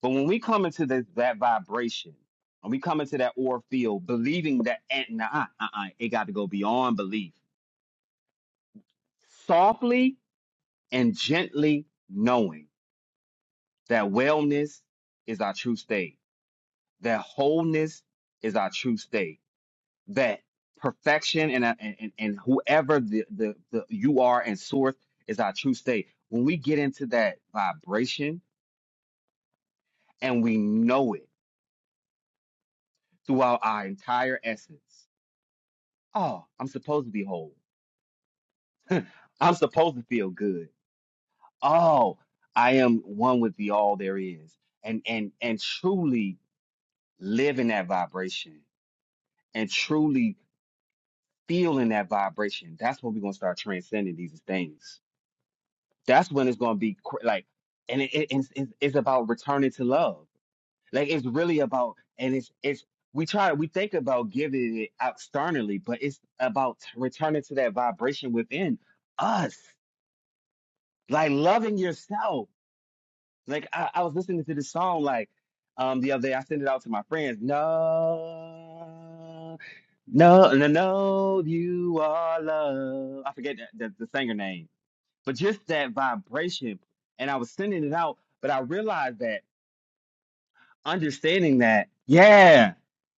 B: But when we come into the, that vibration, when we come into that aura field, believing that, eh, nah, uh, uh, uh, it got to go beyond belief, softly and gently knowing that wellness is our true state, that wholeness is our true state, that perfection and uh, and, and and whoever the, the, the you are and source is our true state. When we get into that vibration and we know it throughout our entire essence, oh, I'm supposed to be whole. (laughs) I'm supposed to feel good. Oh, I am one with the all there is. And and and truly live in that vibration and truly feel in that vibration. That's when we're gonna start transcending these things. That's when it's gonna be cr- like, and it, it- it's, it's it's about returning to love. Like it's really about, and it's it's we try we think about giving it externally, but it's about t- returning to that vibration within us, like loving yourself Like I, I was listening to this song like um the other day. I sent it out to my friends. No, no, no, no, you are love. I forget the, the, the singer name, but just that vibration. And I was sending it out, but I realized that understanding that, yeah,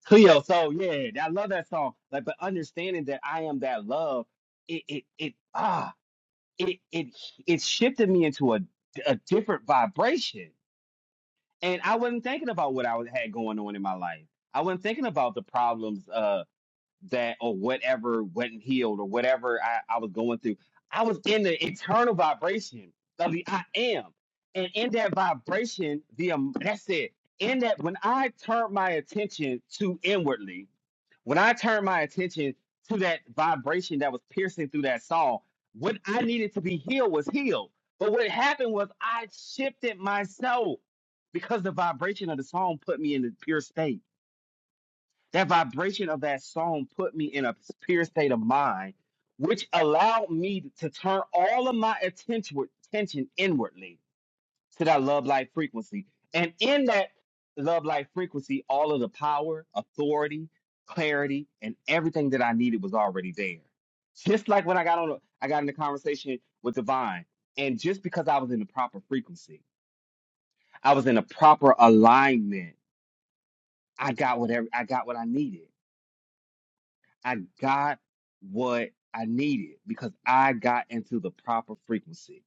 B: Cleo. So yeah, I love that song. Like, but understanding that I am that love, it it it ah, it it it shifted me into a a different vibration and I wasn't thinking about what I was- had going on in my life. I wasn't thinking about the problems uh, that or whatever wasn't healed or whatever I, I was going through. I was in the internal vibration of the I am, and in that vibration, the um, that's it. In that, when I turned my attention to inwardly, when I turned my attention to that vibration that was piercing through that song, what I needed to be healed was healed. But what happened was I shifted my soul because the vibration of the song put me in a pure state. That vibration of that song put me in a pure state of mind, which allowed me to turn all of my attention attention inwardly to that love life frequency. And in that love life frequency, all of the power, authority, clarity, and everything that I needed was already there. Just like when I got on, a, I got in a conversation with Divine, and just because I was in the proper frequency, I was in a proper alignment. I got whatever I got what I needed. I got what I needed because I got into the proper frequency.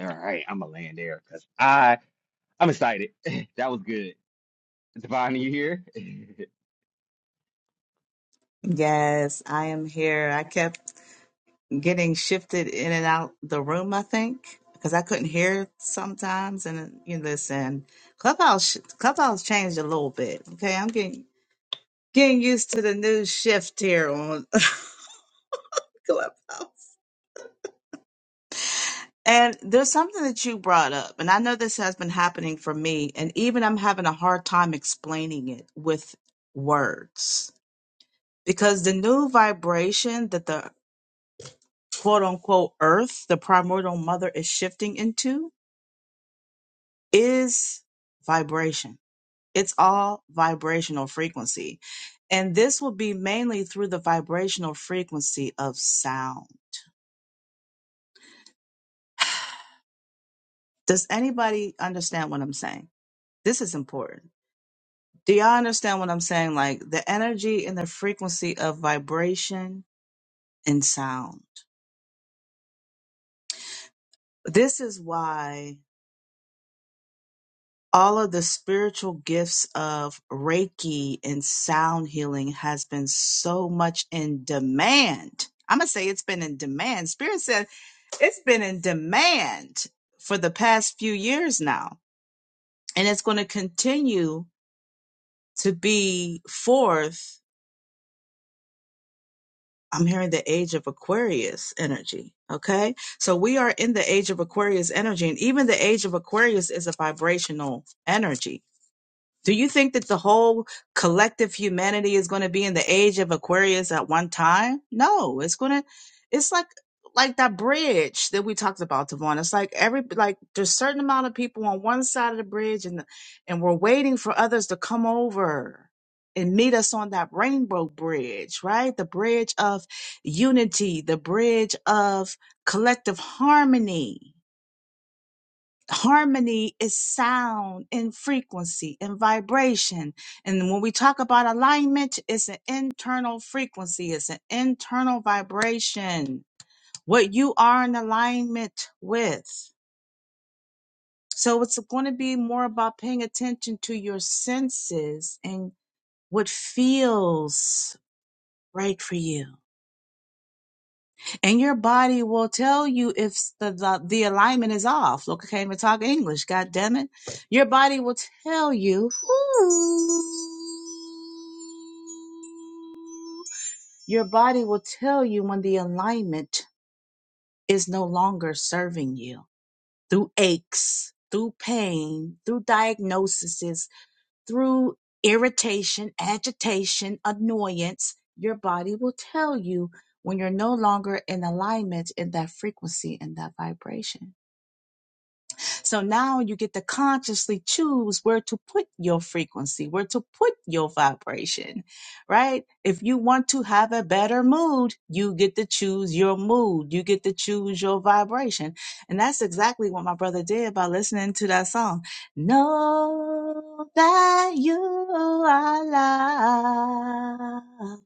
B: All right, I'm gonna land there because I I'm excited. (laughs) that was good. Devon, you here? (laughs)
A: Yes, I am here. I kept getting shifted in and out the room, I think, because I couldn't hear sometimes. And you listen, Clubhouse Clubhouse changed a little bit. Okay, I'm getting getting used to the new shift here on (laughs) Clubhouse. And there's something that you brought up, and I know this has been happening for me, and even I'm having a hard time explaining it with words because the new vibration that the quote unquote earth, the primordial mother is shifting into is vibration. It's all vibrational frequency. And this will be mainly through the vibrational frequency of sound. Does anybody understand what I'm saying? This is important. Do y'all understand what I'm saying? Like the energy and the frequency of vibration and sound. This is why all of the spiritual gifts of reiki and sound healing has been so much in demand i'm gonna say it's been in demand spirit said it's been in demand for the past few years now and it's going to continue to be forth i'm hearing the age of aquarius energy okay so we are in the age of aquarius energy and even the age of aquarius is a vibrational energy Do you think that the whole collective humanity is going to be in the age of Aquarius at one time? No, it's going to, it's like, like that bridge that we talked about, Devon. It's like every, like there's certain amount of people on one side of the bridge and, and we're waiting for others to come over and meet us on that rainbow bridge, right? The bridge of unity, the bridge of collective harmony harmony is sound and frequency and vibration and when we talk about alignment it's an internal frequency it's an internal vibration what you are in alignment with so it's going to be more about paying attention to your senses and what feels right for you and your body will tell you if the, the, the alignment is off. Look, I can't even talk English. God damn it. Your body will tell you. Ooh. Your body will tell you when the alignment is no longer serving you through aches, through pain, through diagnoses through irritation, agitation, annoyance, your body will tell you when you're no longer in alignment in that frequency and that vibration. So now you get to consciously choose where to put your frequency, where to put your vibration, right? If you want to have a better mood, you get to choose your mood. You get to choose your vibration. And that's exactly what my brother did by listening to that song. Know that you are loved.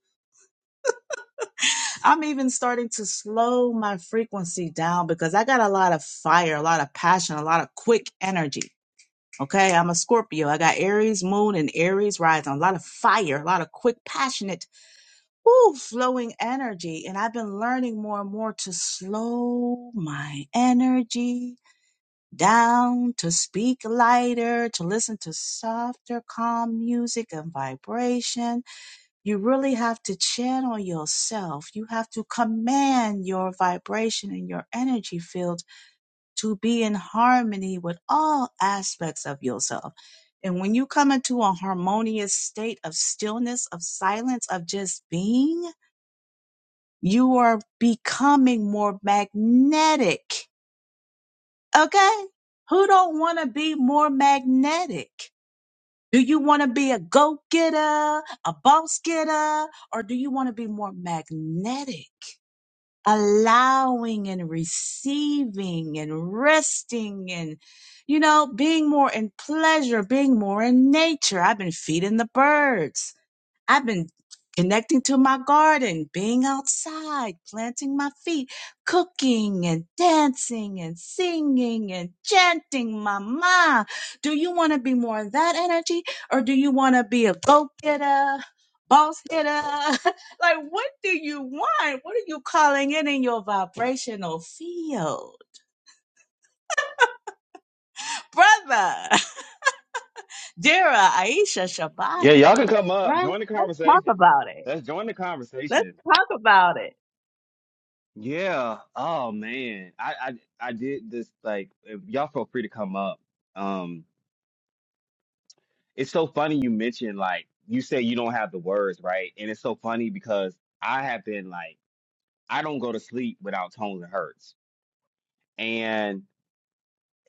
A: I'm even starting to slow my frequency down because I got a lot of fire, a lot of passion, a lot of quick energy Okay, I'm a Scorpio. I got Aries moon and Aries rising. A lot of fire, a lot of quick, passionate, ooh, flowing energy. And I've been learning more and more to slow my energy down, to speak lighter, to listen to softer, calm music and vibration. You really have to channel yourself. You have to command your vibration and your energy field to be in harmony with all aspects of yourself. And when you come into a harmonious state of stillness, of silence, of just being, you are becoming more magnetic. Okay? Who don't want to be more magnetic? Do you want to be a go getter, a boss getter, or do you want to be more magnetic? allowing and receiving and resting and you know being more in pleasure being more in nature i've been feeding the birds I've been connecting to my garden, being outside, planting my feet, cooking and dancing and singing and chanting, Mama. Do you want to be more of that energy or do you want to be a go getter? Boss hitter, (laughs) like what do you want? What are you calling in in your vibrational field, brother? (laughs) Dara, Aisha
B: yeah,
A: Shabada?
B: y'all can come up.
A: right?
B: Join the
A: Let's talk
B: conversation.
A: about it.
B: Let's join the
A: Let's
B: conversation.
A: talk about it.
B: Yeah. Oh man. I I, I did this like if y'all feel free to come up. Um it's so funny you mentioned like you say you don't have the words, right? And it's so funny because I have been like I don't go to sleep without tones and hurts. And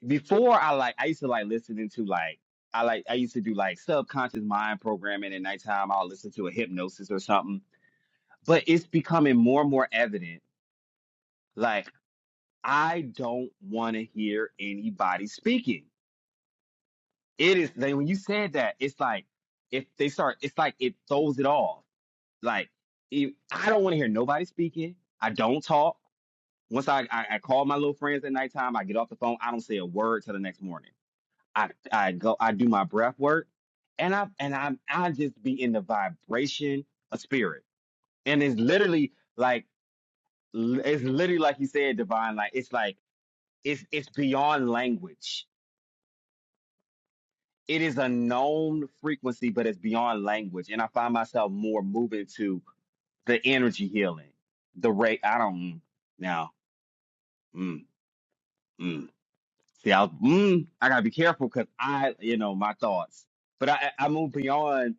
B: before I like I used to like listening to like I like I used to do like subconscious mind programming at nighttime. I'll listen to a hypnosis or something but it's becoming more and more evident like i don't want to hear anybody speaking it is like when you said that it's like if they start it's like it throws it off like if, i don't want to hear nobody speaking i don't talk once I, I i call my little friends at nighttime i get off the phone i don't say a word till the next morning i i go i do my breath work and i and i i just be in the vibration of spirit and it's literally like L- It's literally like you said, divine. Like it's like it's it's beyond language. It is a known frequency, but it's beyond language. And I find myself more moving to the energy healing, the rate. I don't mm, now. Mm, mm. See, I was, mm, I gotta be careful because I, you know, my thoughts. But I, I I move beyond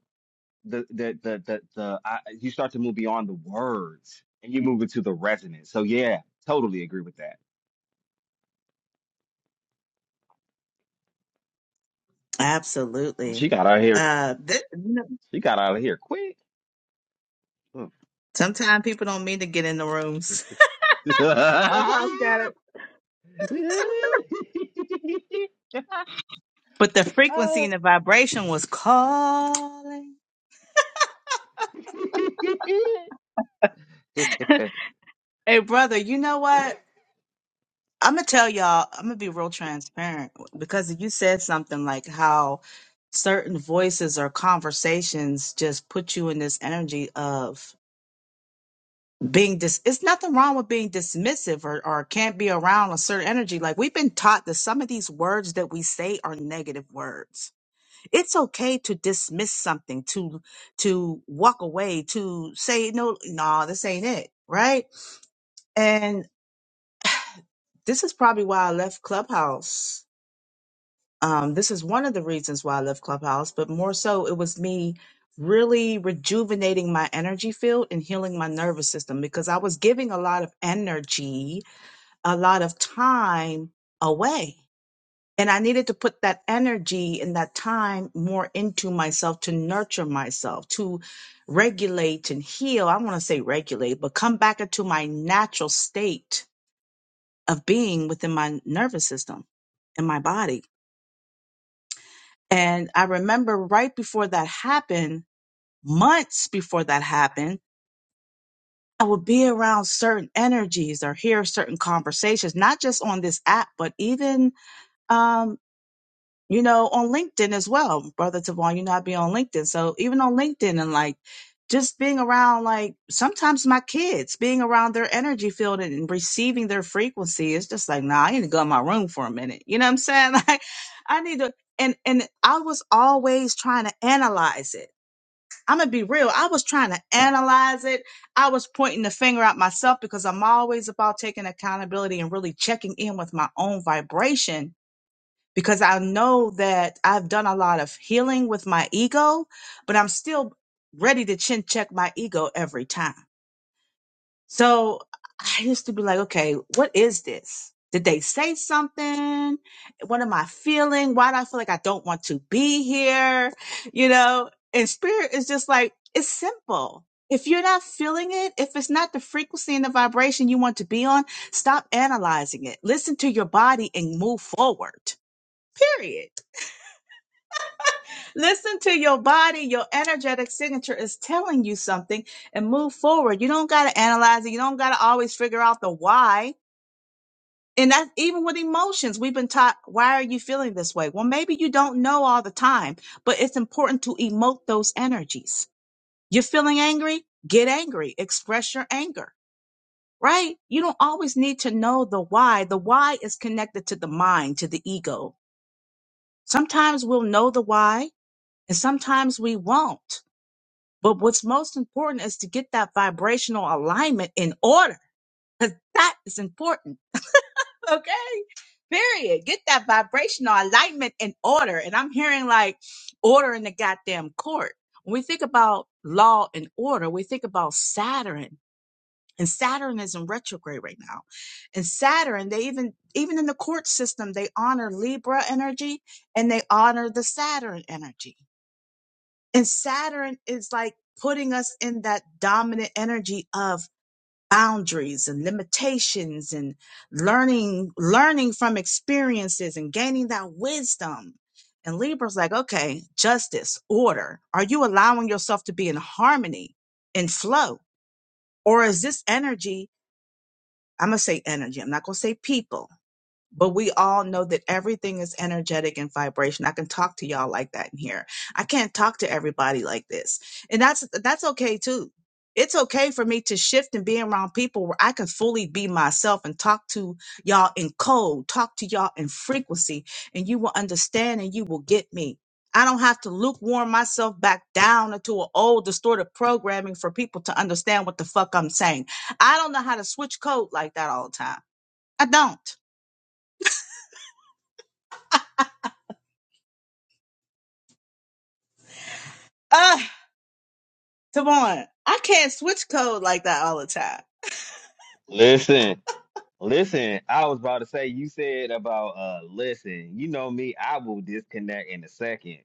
B: the the the the, the I, you start to move beyond the words and you move into the resonance. So yeah, totally agree with that. She
A: Absolutely.
B: got out of here.
A: Uh, th- you know,
B: She got out of here quick. Huh.
A: sometimes people don't mean to get in the rooms.
B: (laughs)
A: (laughs) Clubhouse got it. But the frequency and the
B: Listen,
A: vibration was calling. Hey, brother, you know what? I'm gonna tell y'all. I'm gonna be real transparent because you said something like how certain voices or conversations just put you in this energy of. being dis it's nothing wrong with being dismissive or, or can't be around a certain energy like we've been taught that some of these words that we say are negative words it's okay to dismiss something to to walk away to say no no this ain't it right and this is probably why i left clubhouse um this is one of the reasons why i left clubhouse but more so it was me really rejuvenating my energy field and healing my nervous system because i was giving a lot of energy a lot of time away. And I needed to put that energy and that time more into myself to nurture myself, to regulate and heal. I want to say regulate, but come back into my natural state of being within my nervous system and my body. And I remember right before that happened, months before that happened, I would be around certain energies or hear certain conversations, not just on this app, but even um, you know, on LinkedIn as well, brother Tavon. You know, I be on LinkedIn, so even on LinkedIn and like just being around, like sometimes my kids being around their energy field and receiving their frequency, it's just like, nah, I need to go in my room for a minute. You know what I'm saying? (laughs) Like, I need to, and and I was always trying to analyze it. I'm gonna be real. I was trying to analyze it. I was pointing the finger at myself because I'm always about taking accountability and really checking in with my own vibration because I know that I've done a lot of healing with my ego, but I'm still ready to chin check my ego every time. So I used to be like, okay, what is this? Did they say something? What am I feeling? Why do I feel like I don't want to be here? You know, and spirit is just like, it's simple. If you're not feeling it, if it's not the frequency and the vibration you want to be on, stop analyzing it. Listen to your body and move forward. Period. Listen to your body. Your energetic signature is telling you something and move forward. You don't got to analyze it. You don't got to always figure out the why. And that's even with emotions. We've been taught, why are you feeling this way? Well, maybe you don't know all the time, but it's important to emote those energies. You're feeling angry? Get angry. Express your anger, right? You don't always need to know the why. The why is connected to the mind, to the ego. Sometimes we'll know the why and sometimes we won't But what's most important is to get that vibrational alignment in order. Because that is important. Okay. Period. Get that vibrational alignment in order. And I'm hearing like order in the goddamn court. When we think about law and order, we think about Saturn. And Saturn is in retrograde right now. And Saturn, they even even in the court system, they honor Libra energy and they honor the Saturn energy. And Saturn is like putting us in that dominant energy of boundaries and limitations and learning learning from experiences and gaining that wisdom. And Libra's like, okay, justice, order. Are you allowing yourself to be in harmony, in flow? Or is this energy? I'm gonna say energy, I'm not gonna say people but we all know that everything is energetic and vibration. I can talk to y'all like that in here. I can't talk to everybody like this. And that's that's okay too. It's okay for me to shift and be around people where I can fully be myself and talk to y'all in code, talk to y'all in frequency, and you will understand and you will get me. I don't have to lukewarm myself back down into an old distorted programming for people to understand what the fuck I'm saying. I don't know how to switch code like that all the time. I don't. (laughs) Tavon, I can't switch code like that all the time.
B: listen. I was about to say you said about uh listen. You know me, I will disconnect in a second.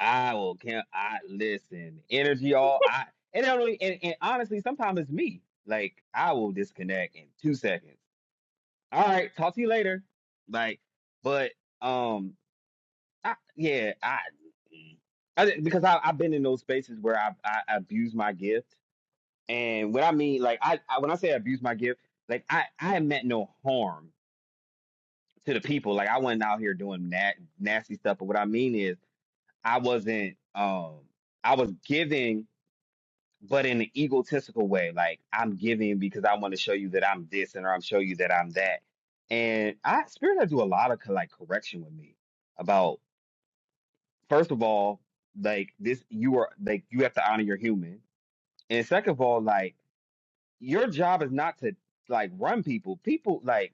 B: I will can't I listen. Energy all I and, I don't, and and honestly, sometimes it's me. Like I will disconnect in two seconds. All right, talk to you later. Like, but um I, yeah, I, mm, I didn't- because I, I've been in those spaces where I, I abuse my gift, and what I mean, like I, I when I say abuse my gift, like I I meant no harm to the people. Like I wasn't out here doing na- nasty stuff, but what I mean is I wasn't um I was giving, but in an egotistical way. Like I'm giving because I want to show you that I'm this, and or I'm show you that I'm that. And I spirit does do a lot of co- like correction with me first of all, like this, you are like you have to honor your human, and second of all, like your job is not to like run people. People like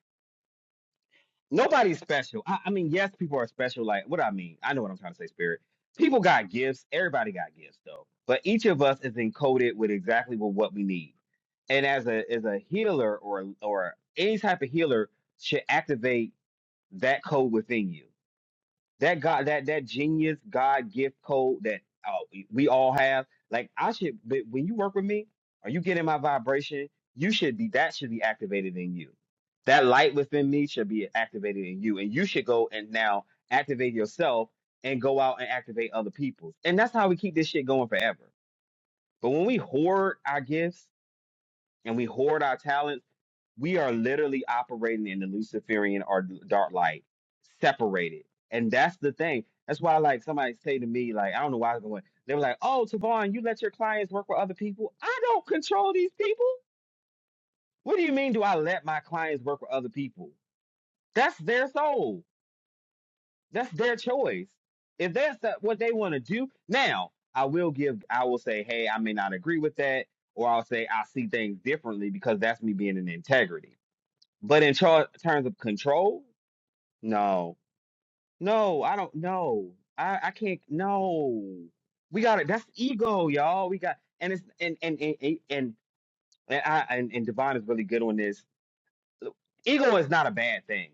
B: nobody's special. I, I mean, yes, people are special. Like what I mean, I know what I'm trying to say, Spirit. People got gifts. Everybody got gifts, though. But each of us is encoded with exactly with what we need. And as a as a healer or or any type of healer should activate that code within you. that God, that that genius God gift code that uh, we we all have. Like I should, but when you work with me or you get in my vibration, you should be that should be activated in you. That light within me should be activated in you, and you should go and now activate yourself and go out and activate other people. And that's how we keep this shit going forever. But when we hoard our gifts and we hoard our talents we are literally operating in the Luciferian or dark light, separated. And that's the thing. That's why, like, somebody say to me, like, I don't know why I was going. They were like, "Oh, Tavon, you let your clients work with other people. I don't control these people. What do you mean? Do I let my clients work with other people? That's their soul. That's their choice. If that's the, what they want to do, now I will give. I will say, hey, I may not agree with that, or I'll say I see things differently because that's me being in integrity but in char- terms of control, no, no, I don't know. I, I can't. No, we got it. That's ego, y'all. We got and it's and and and and and, and I and, and Devon is really good on this. Look, Ego is not a bad thing.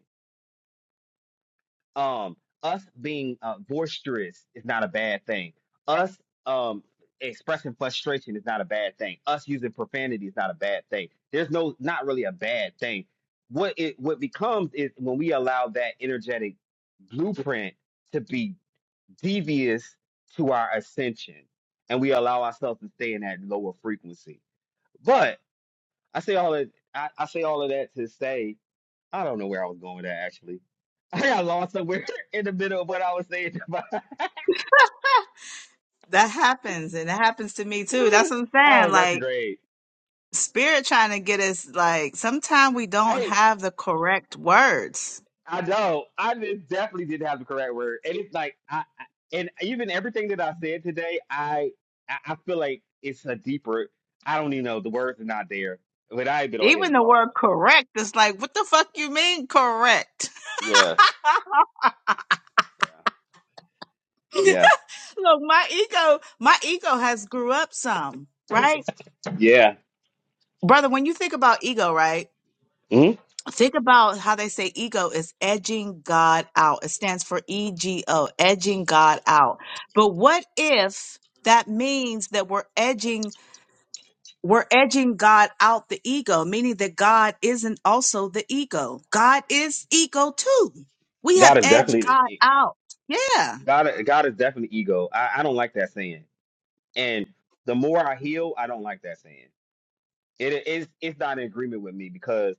B: um us being uh, boisterous is not a bad thing. Us um expressing frustration is not a bad thing. Us using profanity is not a bad thing. There's no not really a bad thing. What it what becomes is when we allow that energetic blueprint to be devious to our ascension and we allow ourselves to stay in that lower frequency. But I say all of I, I say all of that to say I don't know where I was going with that actually. (laughs) I got lost somewhere (laughs) in the middle of what I was saying about
A: That happens, and it happens to me too. That's
B: (laughs)
A: what I'm
B: oh
A: saying. Like
B: retrograde.
A: spirit trying to get us. Like sometimes we don't
B: Hey,
A: have the correct words.
B: I know I did, definitely didn't have the correct word, and it's like I, I and even everything that I said today, I I I feel like it's a deeper. I don't even know the words are not there, but I ain't been on here
A: Even
B: in a
A: the
B: long
A: word
B: time.
A: correct is like, what the fuck you mean correct?
B: Yeah,
A: (laughs)
B: yeah, yeah,
A: Look, my ego, my ego has grew up some, right,
B: yeah.
A: brother? When you think about ego, right?
B: hmm
A: Think about how they say ego is edging God out. It stands for EGO, edging God out. But what if that means that we're edging we're edging God out the ego, meaning that God isn't also the ego. God is ego too. We have
B: God is
A: edged
B: definitely
A: God out. Yeah,
B: God. God is definitely ego. I, I don't like that saying. And the more I heal, I don't like that saying. It is it's not in agreement with me because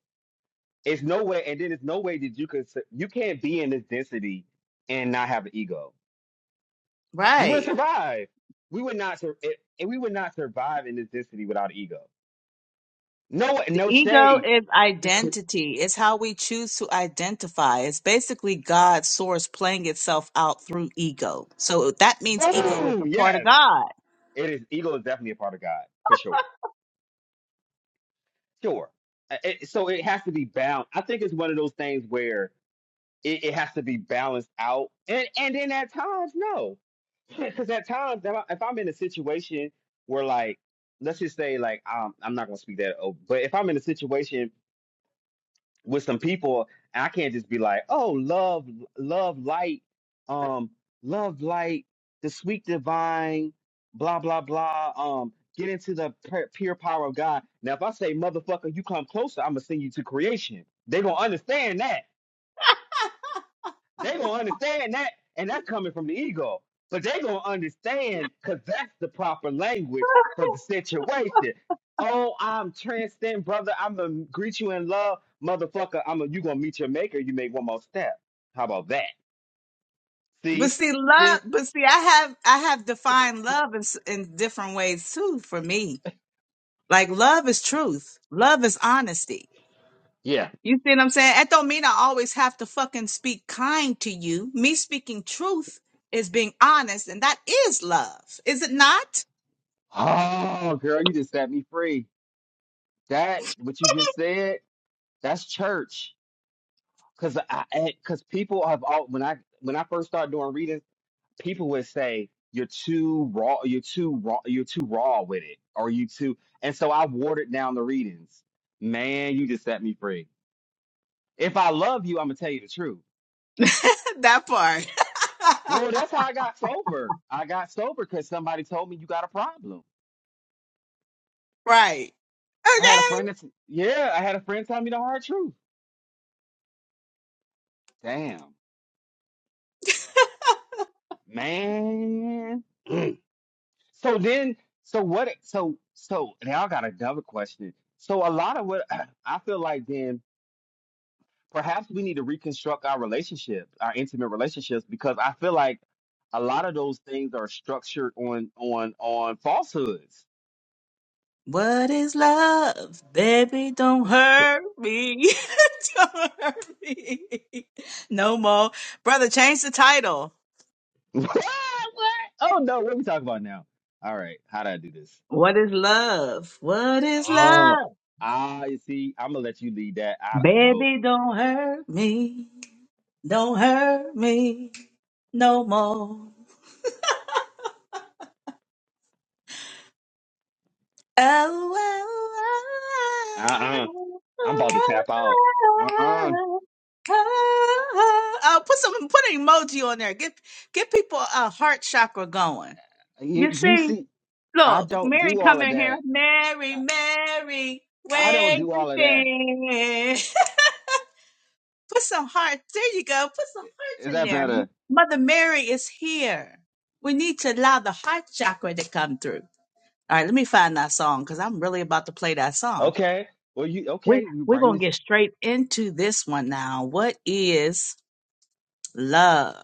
B: it's no way and then it's no way that you could su- you can't be in this density and not have an ego. You wouldn't
A: right.
B: survive. We would not sur- it, and we would not survive in this density without ego. No no
A: Ego
B: shade.
A: is identity. It's how we choose to identify. It's basically God's source playing itself out through ego. So that means ego is a
B: Boom!
A: part of
B: Yes.
A: God.
B: It is ego is definitely a part of God, for sure. Sure. Uh, it- so it has to be bound. I think it's one of those things where it, it has to be balanced out. And and then at times, no, (laughs) because at times if I- if I'm in a situation where like let's just say like um, I'm not gonna speak that over, but if I'm in a situation with some people, I can't just be like, oh, love, love, light, um, love, light, the sweet divine, blah blah blah, um. Get into the pu- pure power of God. Now, if I say, motherfucker, you come closer, I'm going to send you to creation. they going to understand that they gonna understand that, and that's coming from the ego. But they gonna understand because that's the proper language for the situation. Oh, I'm transcend, brother. I'm gonna greet you in love, motherfucker. I'm a, you gonna meet your maker. You make one more step. How about that?
A: But
B: See,
A: see, love.
B: see,
A: But see, I have I have defined love in, s- in different ways too. For me, like love is truth. Love is honesty.
B: yeah.
A: You see what I'm saying? That don't mean I always have to fucking speak kind to you. Me speaking truth is being honest, and that is love, is it not?
B: Oh, girl, you just set me free. That what you just said. That's church. Cause I, I- cause people have all when I when I first started doing readings. people would say you're too raw you're too raw you're too raw with it or you too and so i watered down the readings man you just set me free if i love you i'm gonna tell you the truth
A: (laughs) that part. (laughs)
B: well that's how i got sober i got sober because somebody told me you got a problem
A: Right.
B: i had a
A: Okay.
B: friend that's yeah i had a friend tell me the hard truth damn man (clears throat) Mm. so then so what so so now i got another question so a lot of what (clears throat) i feel like then perhaps we need to reconstruct our relationships, our intimate relationships, because I feel like a lot of those things are structured on on on falsehoods.
A: What is love? Baby, don't hurt me. (laughs) don't hurt me. No more. Brother, change the title.
B: (laughs) what? What? Oh no, what are we talking about now? All right, how do I do this?
A: What is love? What is
B: Oh,
A: love?
B: ah, you see, I'm gonna let you lead that. I no,
A: Baby, don't hurt me. Don't hurt me no more.
B: uh, uh I'm about to tap out. Uh, uh
A: Oh, put some put an emoji on there. Get get people a heart chakra going.
B: you,
A: You
B: you
A: see,
B: see, I
A: look,
B: don't
A: Mary
B: do
A: come
B: all of
A: in here.
B: that.
A: Mary, Mary,
B: I, I don't
A: where
B: do
A: you
B: all of that.
A: been? (laughs) put some heart. There you go. Put some hearts
B: Is
A: in
B: that
A: there. M-
B: better?
A: Mother Mary is here. We need to allow the heart chakra to come through. All right, let me find that song because I'm really about to play that song.
B: Okay. Well, you
A: We
B: okay? We
A: we're
B: bring
A: gonna
B: this.
A: get straight into this one now. What is love?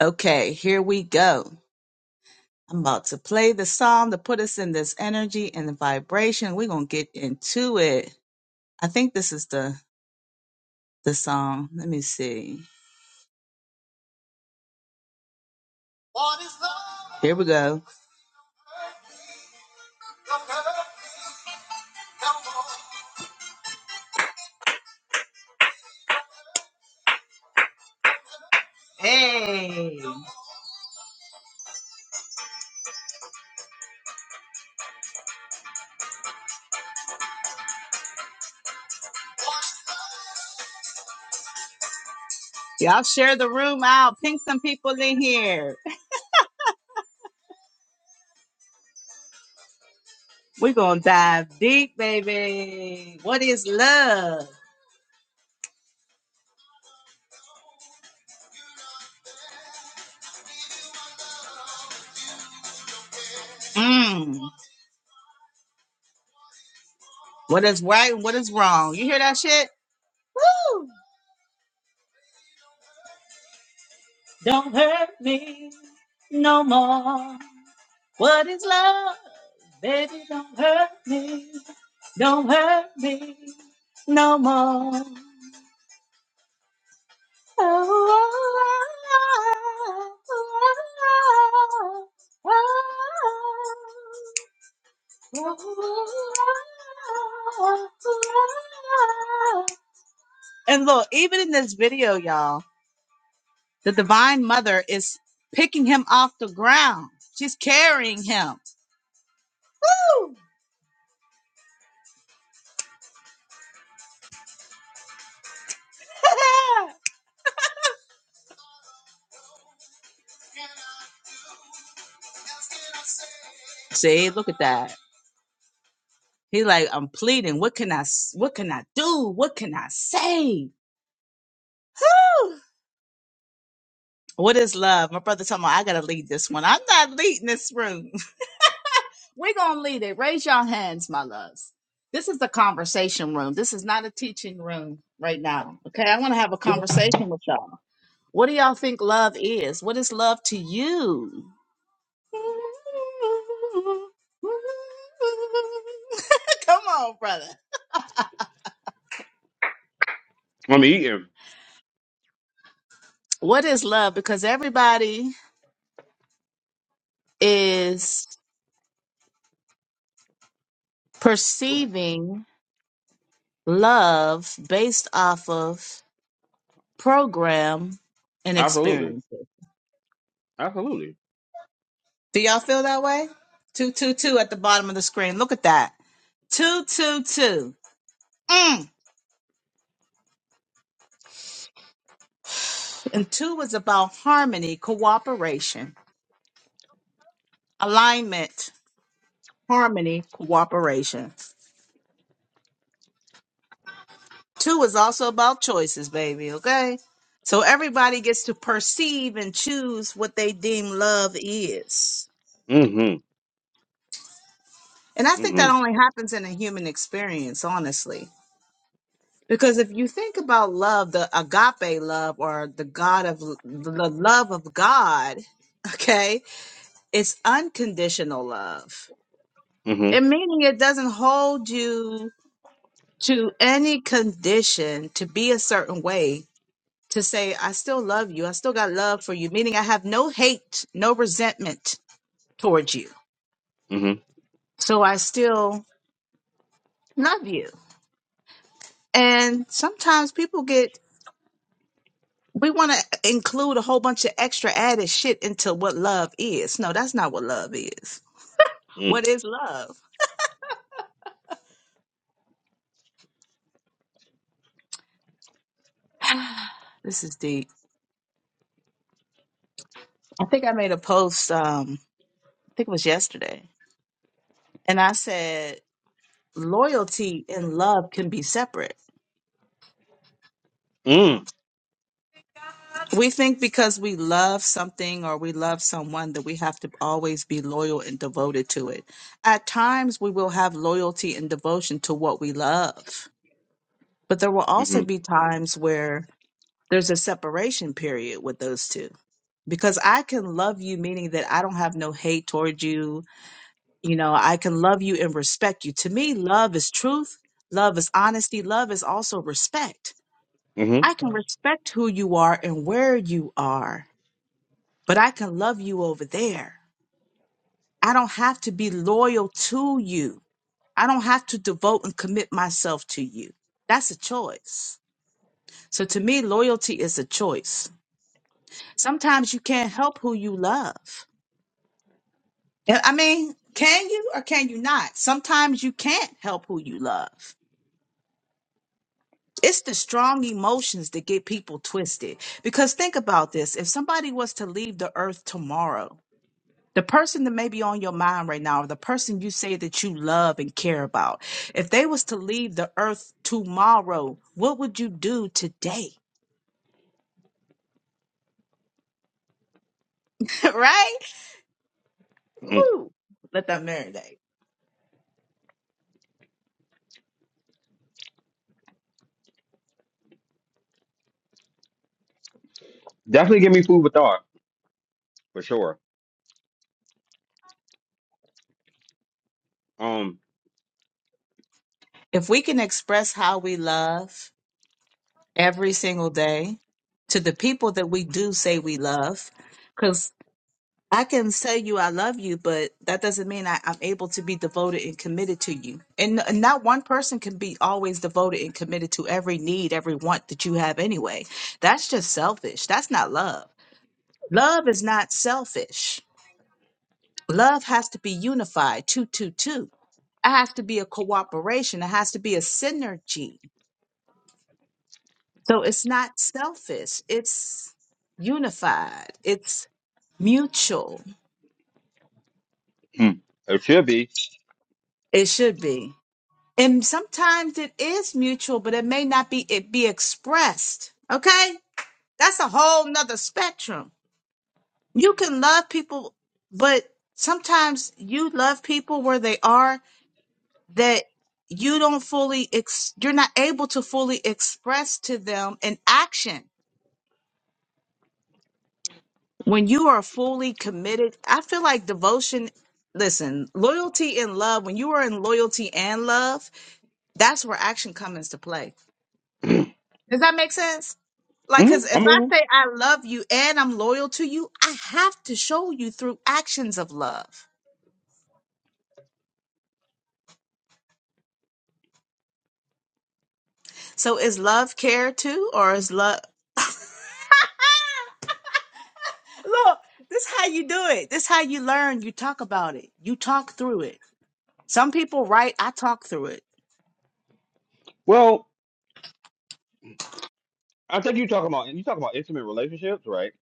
A: Okay, here we go. I'm about to play the song to put us in this energy and the vibration. We're gonna get into it. I think this is the the song. Let me see. Here we go. Hey, y'all share the room out. Ping some people in here. We're gonna dive deep, baby. What is love? Mm. What is right and what is wrong? You hear that shit? Don't hurt me no more. What is love? Baby, don't hurt me. Don't hurt me no more. Oh, oh, oh, oh, oh, oh, oh, oh, oh, oh. And look, even in this video, y'all. The divine mother is picking him off the ground. She's carrying him. Woo! (laughs) See, look at that. He like, I'm pleading. What can I s- what can I do? What can I say? Woo! What is love? My brother told me I gotta lead this one. I'm not leading this room. (laughs) We're gonna lead it. Raise your hands, my loves. This is a conversation room. This is not a teaching room right now. Okay. I want to have a conversation with y'all. What do y'all think love is? What is love to you? (laughs) Come on, brother. What is love? Because everybody is perceiving love based off of program and
B: Absolutely.
A: experiences.
B: Absolutely.
A: Do y'all feel that way? 222 at the bottom of the screen. Look at that. 222. Mm. And two is about harmony, cooperation, alignment, harmony, cooperation. Two is also about choices, baby, okay? So everybody gets to perceive and choose what they deem love is.
B: Mm-hmm.
A: And I think that
B: Mm-hmm.
A: only happens in a human experience, honestly. Because if you think about love, the agape love or the God of the love of God, (laughs) okay, it's unconditional love. It
B: Mm-hmm.
A: meaning it doesn't hold you to any condition to be a certain way to say, I still love you. I still got love for you, meaning I have no hate, no resentment towards you.
B: Mm-hmm.
A: So I still love you. And sometimes people get, we want to include a whole bunch of extra added shit into what love is. No, that's not what love is. What is love? This is deep. I think I made a post, um, I think it was yesterday, and I said, loyalty and love can be separate
B: Mm-hmm.
A: We think because we love something or we love someone that we have to always be loyal and devoted to it. At times, we will have loyalty and devotion to what we love, but there will also
B: Mm-hmm.
A: be times where there's a separation period with those two. Because I can love you, meaning that I don't have no hate toward you. You know, I can love you and respect you. To me, love is truth, love is honesty, love is also respect. I
B: Mm-hmm.
A: can respect who you are and where you are but I can love you over there. I don't have to be loyal to you. I don't have to devote and commit myself to you. That's a choice. So to me, loyalty is a choice. Sometimes you can't help who you love. And I mean, can you or can you not? Sometimes you can't help who you love. It's the strong emotions that get people twisted. Because think about this if somebody was to leave the earth tomorrow, The person that may be on your mind right now, or the person you say that you love and care about, if they was to leave the earth tomorrow, what would you do today? (laughs) right?
B: mm.
A: Ooh, let that marinate.
B: Definitely give me food for thought for sure. Um,
A: If we can express how we love every single day to the people that we do say we love, because. I can tell you I love you, but that doesn't mean I, I'm able to be devoted and committed to you. And n- not one person can be always devoted and committed to every need, every want that you have anyway. That's just selfish. That's not love. Love is not selfish. Love has to be unified, two, two, two. It has to be a cooperation. It has to be a synergy. So it's not selfish. It's unified. It's mutual.
B: hmm, it should be.
A: It should be. And sometimes it is mutual, but it may not be it be expressed. Okay? That's a whole nother spectrum. You can love people, but sometimes you love people where they are that you don't fully ex- you're not able to fully express to them in action. When you are fully committed, I feel like devotion listen, loyalty and love, when you are in loyalty and love, that's where action comes into play Does that make sense? Like, because
B: Mm-hmm.
A: if
B: I'm with
A: I
B: you.
A: say I love you and I'm loyal to you, I have to show you through actions of love. So is love care too, or is love? (laughs) Look, this how you do it. This how you learn. You talk about it. You talk through it. Some people write, I talk through it.
B: well. I think you talking about you talking about intimate relationships, right?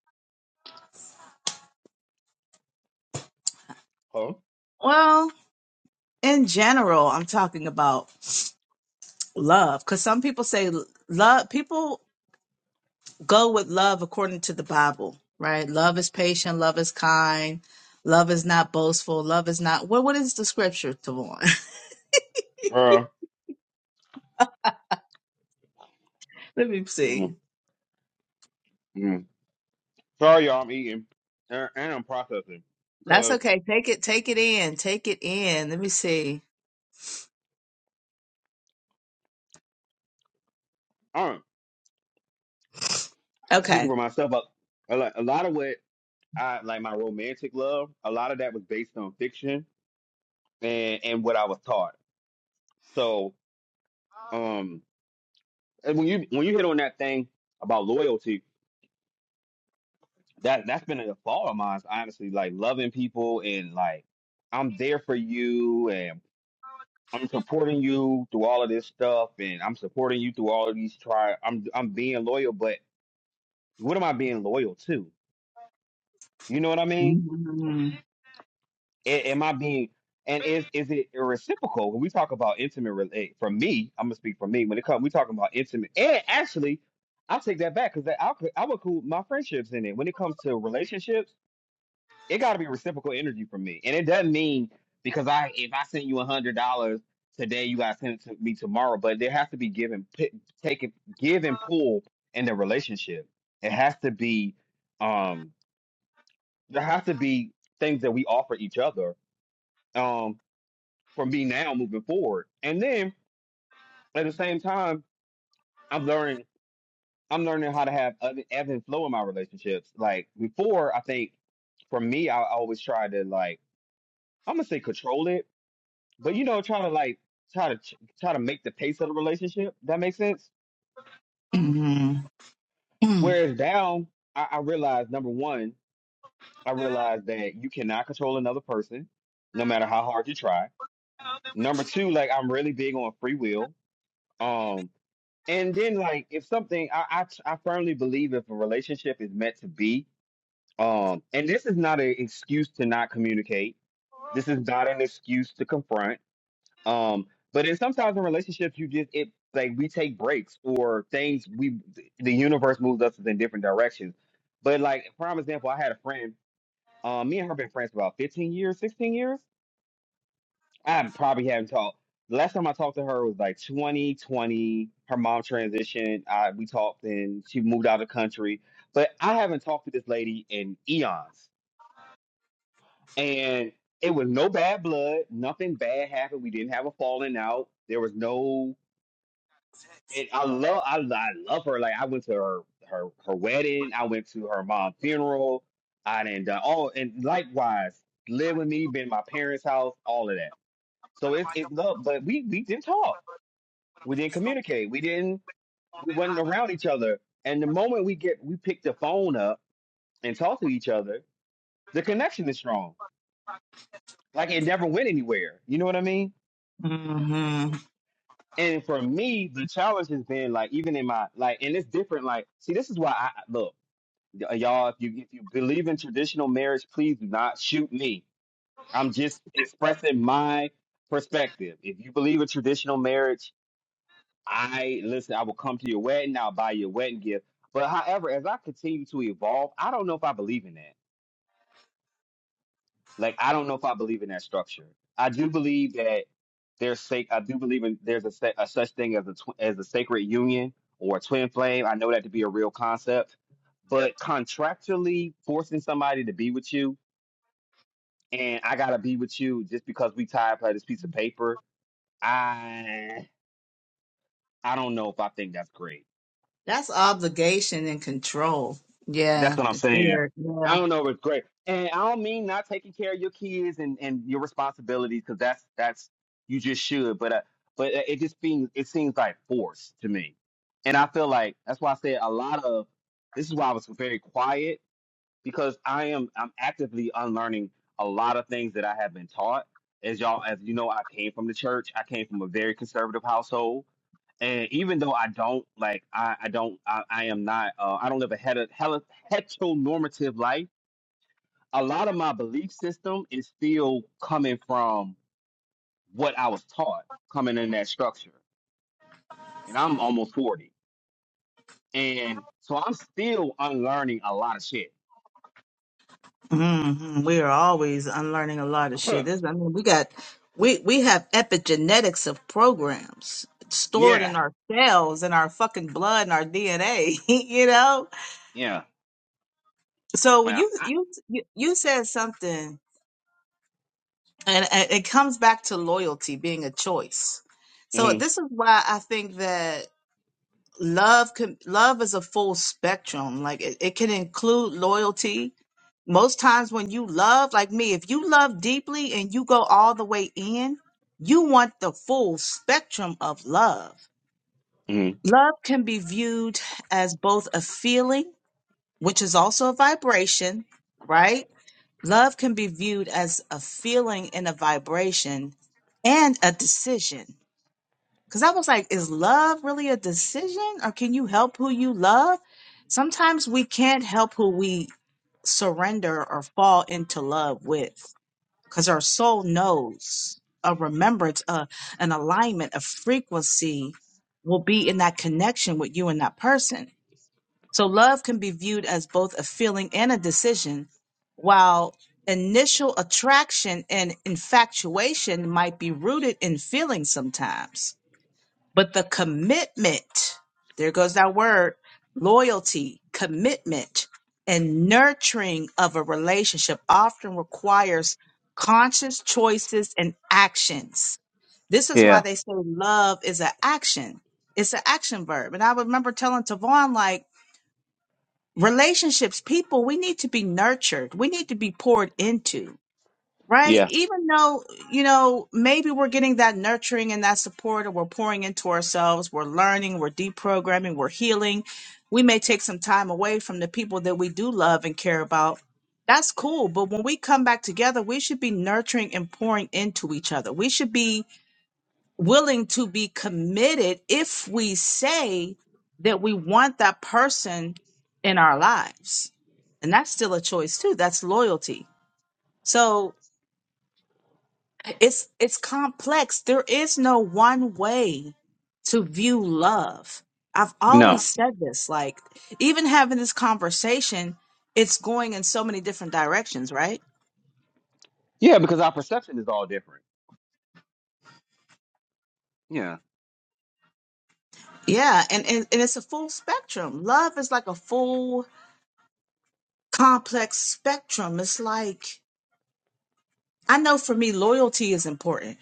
B: Huh?
A: Well, in general, I'm talking about love because some people say love. People go with love according to the Bible, right? Love is patient, love is kind, love is not boastful, love is not what what is the scripture, Tavon?
B: Girl.
A: (laughs) Let me see.
B: Mm-hmm. Sorry, y'all. I'm eating and, and I'm processing
A: That's
B: because
A: okay. Take it, take it in, take it in. Let me see.
B: um, I'm speaking
A: Okay.
B: for myself. But a lot, a lot of what I like my romantic love, a lot of that was based on fiction and and what I was taught. So. um. and when you when you hit on that thing about loyalty, that that's been a flaw of mine, honestly. Like loving people and like I'm there for you and I'm supporting you through all of this stuff and I'm supporting you through all of these try. I'm I'm being loyal, but what am I being loyal to? You know what I mean?
A: hmm
B: A- am I being and is is it reciprocal when we talk about intimate relate for me I'm gonna speak for me when it comes we talking about intimate and actually I take that back because I could I would include my friendships in it when it comes to relationships it got to be reciprocal energy for me and it doesn't mean because I if I send you a hundred dollars today you gotta send it to me tomorrow but there has to be give and pi- take it give and pull in the relationship it has to be um there has to be things that we offer each other Um, for me now moving forward. And then at the same time, I'm learning I'm learning how to have ebb ebb and flow in my relationships. Like before, I think for me, I, I always try to like I'm gonna say control it, but you know, try to like try to ch- try to make the pace of the relationship. That makes sense.
A: hmm
B: Whereas now, I, I realize number one, I realize that you cannot control another person, no matter how hard you try. Number two, like I'm really big on free will. Um, and then like if something I, I I firmly believe if a relationship is meant to be um and this is not an excuse to not communicate this is not an excuse to confront um but in sometimes in relationships you just it like we take breaks or things we the universe moves us in different directions but like for example I had a friend um me and her been friends for about 15 years 16 years I probably haven't talked. The last time I talked to her was like 2020. Her mom transitioned. I, we talked and she moved out of the country. But I haven't talked to this lady in eons. And it was no bad blood. Nothing bad happened. We didn't have a falling out. There was no. And I love, I, I love her. Like I went to her, her, her wedding. I went to her mom's funeral. I didn't done all. And likewise, live with me, been in my parents' house, all of that. So it's it's love. But we we didn't talk. We didn't communicate. We didn't. We wasn't around each other. And the moment we get, we pick the phone up and talk to each other, the connection is strong. Like it never went anywhere. You know what I mean?
A: hmm
B: And for me, the challenge has been like even in my like, and it's different. Like, see, this is why I I- look, y- y'all. If you if you believe in traditional marriage, please do not shoot me. I'm just expressing my perspective. If you believe in traditional marriage, I listen, I will come to your wedding, I'll buy you a wedding gift. But however, as I continue to evolve, I don't know if I believe in that. Like I don't know if I believe in that structure. I do believe that there's sake I do believe in there's a, sa- a such thing as a tw- as a sacred union or a twin flame. I know that to be a real concept. But contractually forcing somebody to be with you and I gotta be with you just because we tied by this piece of paper, I I don't know if I think that's great.
A: That's obligation and control.
B: That's
A: Yeah.
B: what I'm saying.
A: Fear. Yeah.
B: I don't know if it's great, and I don't mean not taking care of your kids and and your responsibilities because that's that's you just should, but uh, but uh, it just seems it seems like force to me, and I feel like that's why I said a lot of this is why I was very quiet because I am I'm actively unlearning a lot of things that I have been taught. As y'all as you know, I came from the church. I came from a very conservative household and even though I don't like, I, I don't, I, I am not, uh, I don't live a het- hel- heteronormative life. A lot of my belief system is still coming from what I was taught coming in that structure, and I'm almost forty, and so I'm still unlearning a lot of shit.
A: hmm We are always unlearning a lot of shit.
B: (laughs)
A: This, I mean, we got, we we have epigenetics of programs stored
B: yeah,
A: in our cells, in our fucking blood, and our DNA. (laughs) You know.
B: yeah,
A: So
B: well,
A: you
B: I,
A: you you you said something, and and it comes back to loyalty being a choice. So
B: mhm,
A: this is why I think that love can love is a full spectrum like it, it can include loyalty most times when you love like me if you love deeply and you go all the way in you want the full spectrum of love
B: mhm.
A: love can be viewed as both a feeling which is also a vibration right love can be viewed as a feeling and a vibration and a decision because I was like, is love really a decision or can you help who you love? Sometimes we can't help who we surrender or fall into love with because our soul knows a remembrance, a, an alignment, a frequency will be in that connection with you and that person. So love can be viewed as both a feeling and a decision, while initial attraction and infatuation might be rooted in feelings sometimes but the commitment, there goes that word, loyalty, commitment, and nurturing of a relationship often requires conscious choices and actions. This is why
B: yeah,
A: they say love is an action. It's an action verb. And I remember telling Tavon, like, relationships, people, we need to be nurtured. We need to be poured into right?
B: yeah,
A: Even though, you know, maybe we're getting that nurturing and that support, or we're pouring into ourselves, we're learning, we're deprogramming, we're healing. We may take some time away from the people that we do love and care about. That's cool. But when we come back together, we should be nurturing and pouring into each other. We should be willing to be committed if we say that we want that person in our lives. And that's still a choice, too. That's loyalty. So it's it's complex there is no one way to view love i've always
B: no,
A: said this like even having this conversation it's going in so many different directions right
B: yeah, because our perception is all different. Yeah.
A: yeah and and, and it's a full spectrum love is like a full complex spectrum it's like i know for me loyalty is important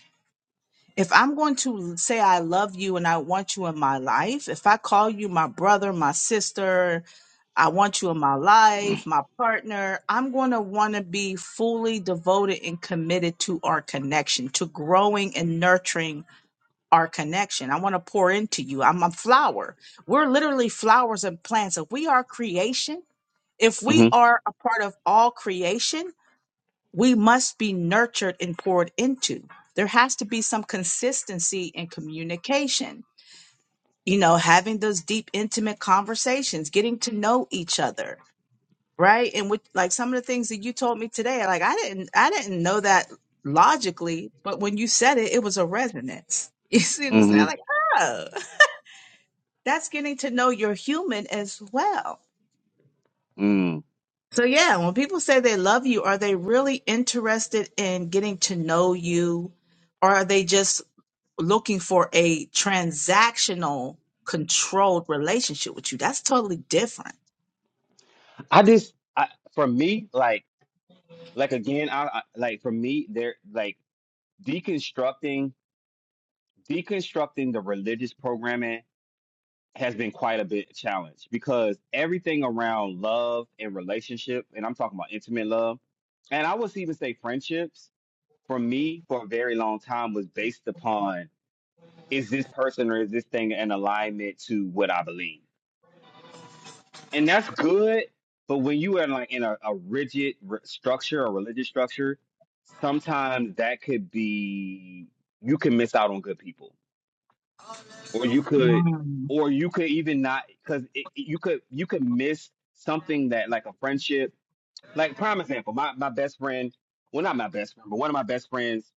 A: if I'm going to say I love you and I want you in my life, if I call you my brother, my sister, I want you in my life, my partner, I'm going to want to be fully devoted and committed to our connection, to growing and nurturing our connection. I want to pour into you. I'm a flower. We're literally flowers and plants. If we are creation, if we
B: hmm
A: are a part of all creation, we must be nurtured and poured into. There has to be some consistency in communication, you know, having those deep, intimate conversations, getting to know each other, right? And with like some of the things that you told me today, like I didn't, I didn't know that logically, but when you said it, it was a resonance. (laughs) You see what I'm
B: hmm
A: saying? Like, oh, that's getting to know your human as well.
B: Mm.
A: So yeah, when people say they love you, are they really interested in getting to know you? or are they just looking for a transactional controlled relationship with you. That's totally different.
B: I just, I, for me, like. like again I, I like for me there like deconstructing deconstructing the religious programming has been quite a bit challenge because everything around love and relationship and i'm talking about intimate love and i would even say friendships for me for a very long time was based upon is this person or is this thing in alignment to what i believe and that's good. But when you are like in a, a rigid r structure, a religious structure, sometimes that could be you can miss out on good people, or you could,
A: Mm,
B: or you could even not because you could you could miss something that like a friendship. Like prime example, my my best friend, well not my best friend, but one of my best friends,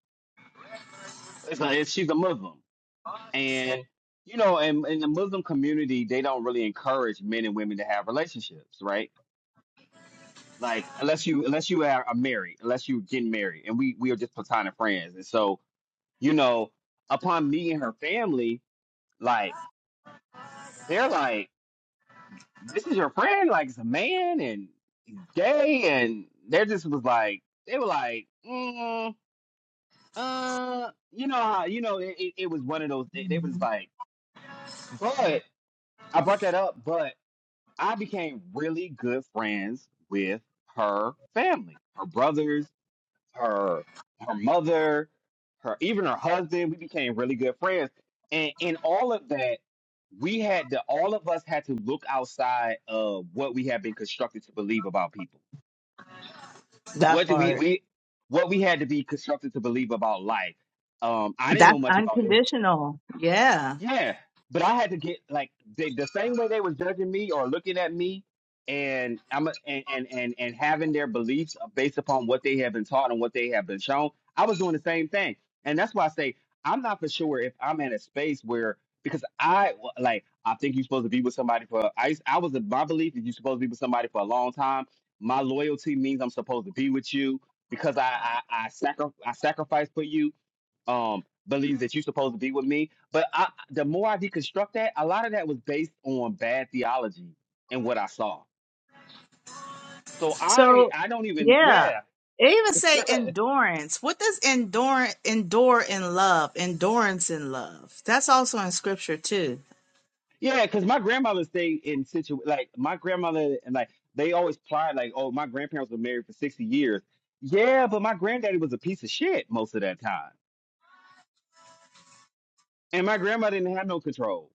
B: is a, is- she's a Muslim, and you know, and in the Muslim community, they don't really encourage men and women to have relationships, right? Like unless you unless you are are married, unless you getting married, and we we are just platonic friends. And so you know, upon meeting her family, like they're like, this is your friend, like it's a man and he's gay, and they just was like, they were like, mm, uh, you know how you know it, it, it was one of those. They, they was like, but I brought that up, but I became really good friends with her family, her brothers her her mother, her even her husband. We became really good friends, and in all of that, we had to all of us had to look outside of what we had been constructed to believe about people.
A: That
B: What did we
A: part.
B: we what we had to be constructed to believe about life? Um, I didn't know
A: That's
B: much about
A: unconditional. Yeah.
B: yeah, but I had to get like they, the same way they was judging me or looking at me, and I'm a, and, and and and having their beliefs based upon what they have been taught and what they have been shown. I was doing the same thing, and that's why I say I'm not for sure if I'm in a space where because I like I think you're supposed to be with somebody for I I was of my belief that you're supposed to be with somebody for a long time. My loyalty means I'm supposed to be with you because I I, I, sacri- I sacrifice for you um believes that you're supposed to be with me. But I the more I deconstruct that, a lot of that was based on bad theology and what I saw. So I
A: So,
B: I don't even
A: yeah.
B: yeah.
A: It even say
B: (laughs)
A: endurance. What does endure endure in love? Endurance in love. That's also in scripture too.
B: yeah, because my grandmother stayed in situ like my grandmother and like they always plied like, oh, my grandparents were married for 60 years. Yeah, but my granddaddy was a piece of shit most of that time. And my grandma didn't have no control.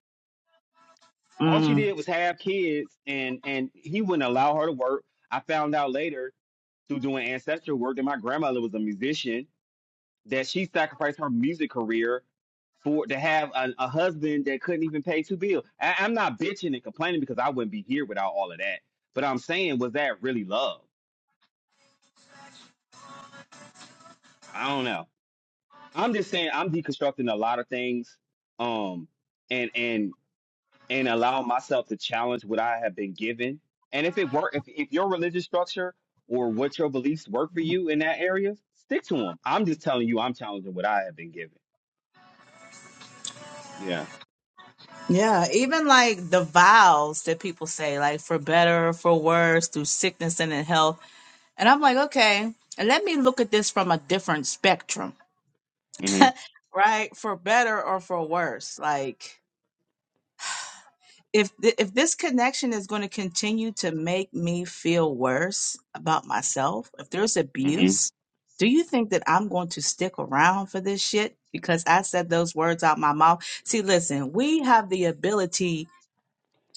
B: All she did was have kids and and he wouldn't allow her to work. I found out later through doing ancestral work and my grandmother was a musician that she sacrificed her music career for to have a, a husband that couldn't even pay two bills. I, I'm not bitching and complaining because I wouldn't be here without all of that. But I'm saying, was that really love? I don't know. I'm just saying I'm deconstructing a lot of things, um, and and and allowing myself to challenge what I have been given. And if it work, if if your religious structure or what your beliefs work for you in that area, stick to them. I'm just telling you, I'm challenging what I have been given. Yeah.
A: Yeah, even like the vows that people say, like for better, for worse, through sickness and in health. And I'm like, okay, and let me look at this from a different spectrum,
B: Mm-hmm.
A: right? For better or for worse. Like if th- if this connection is going to continue to make me feel worse about myself, if there's
B: Mm-hmm.
A: abuse, do you think that I'm going to stick around for this shit because I said those words out my mouth? See, listen, we have the ability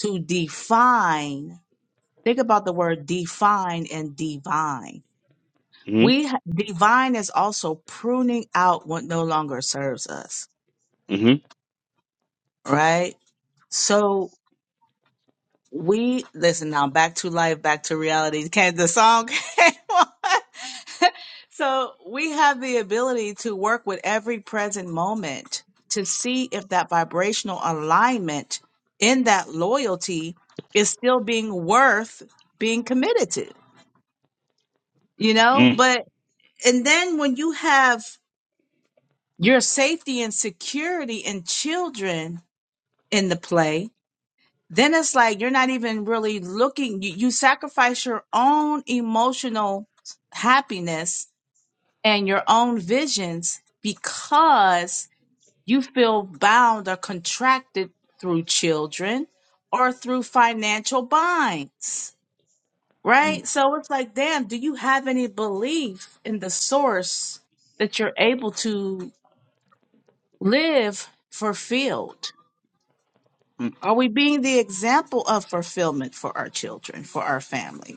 A: to define Think about the word define and divine.
B: Mm-hmm.
A: We ha- divine is also pruning out what no longer serves us,
B: Mm-hmm.
A: right? So we listen now back to life, back to reality. (laughs) Can the song (laughs) came on. So we have the ability to work with every present moment to see if that vibrational alignment in that loyalty is still being worth being committed to, you know? But and then when you have your safety and security and children in the play then it's like you're not even really looking you, you sacrifice your own emotional happiness and your own visions because you feel bound or contracted through children or through financial binds
B: Mm-hmm.
A: right so it's like damn do you have any belief in the source that you're able to live fulfilled? Are we being the example of fulfillment for our children, for our family?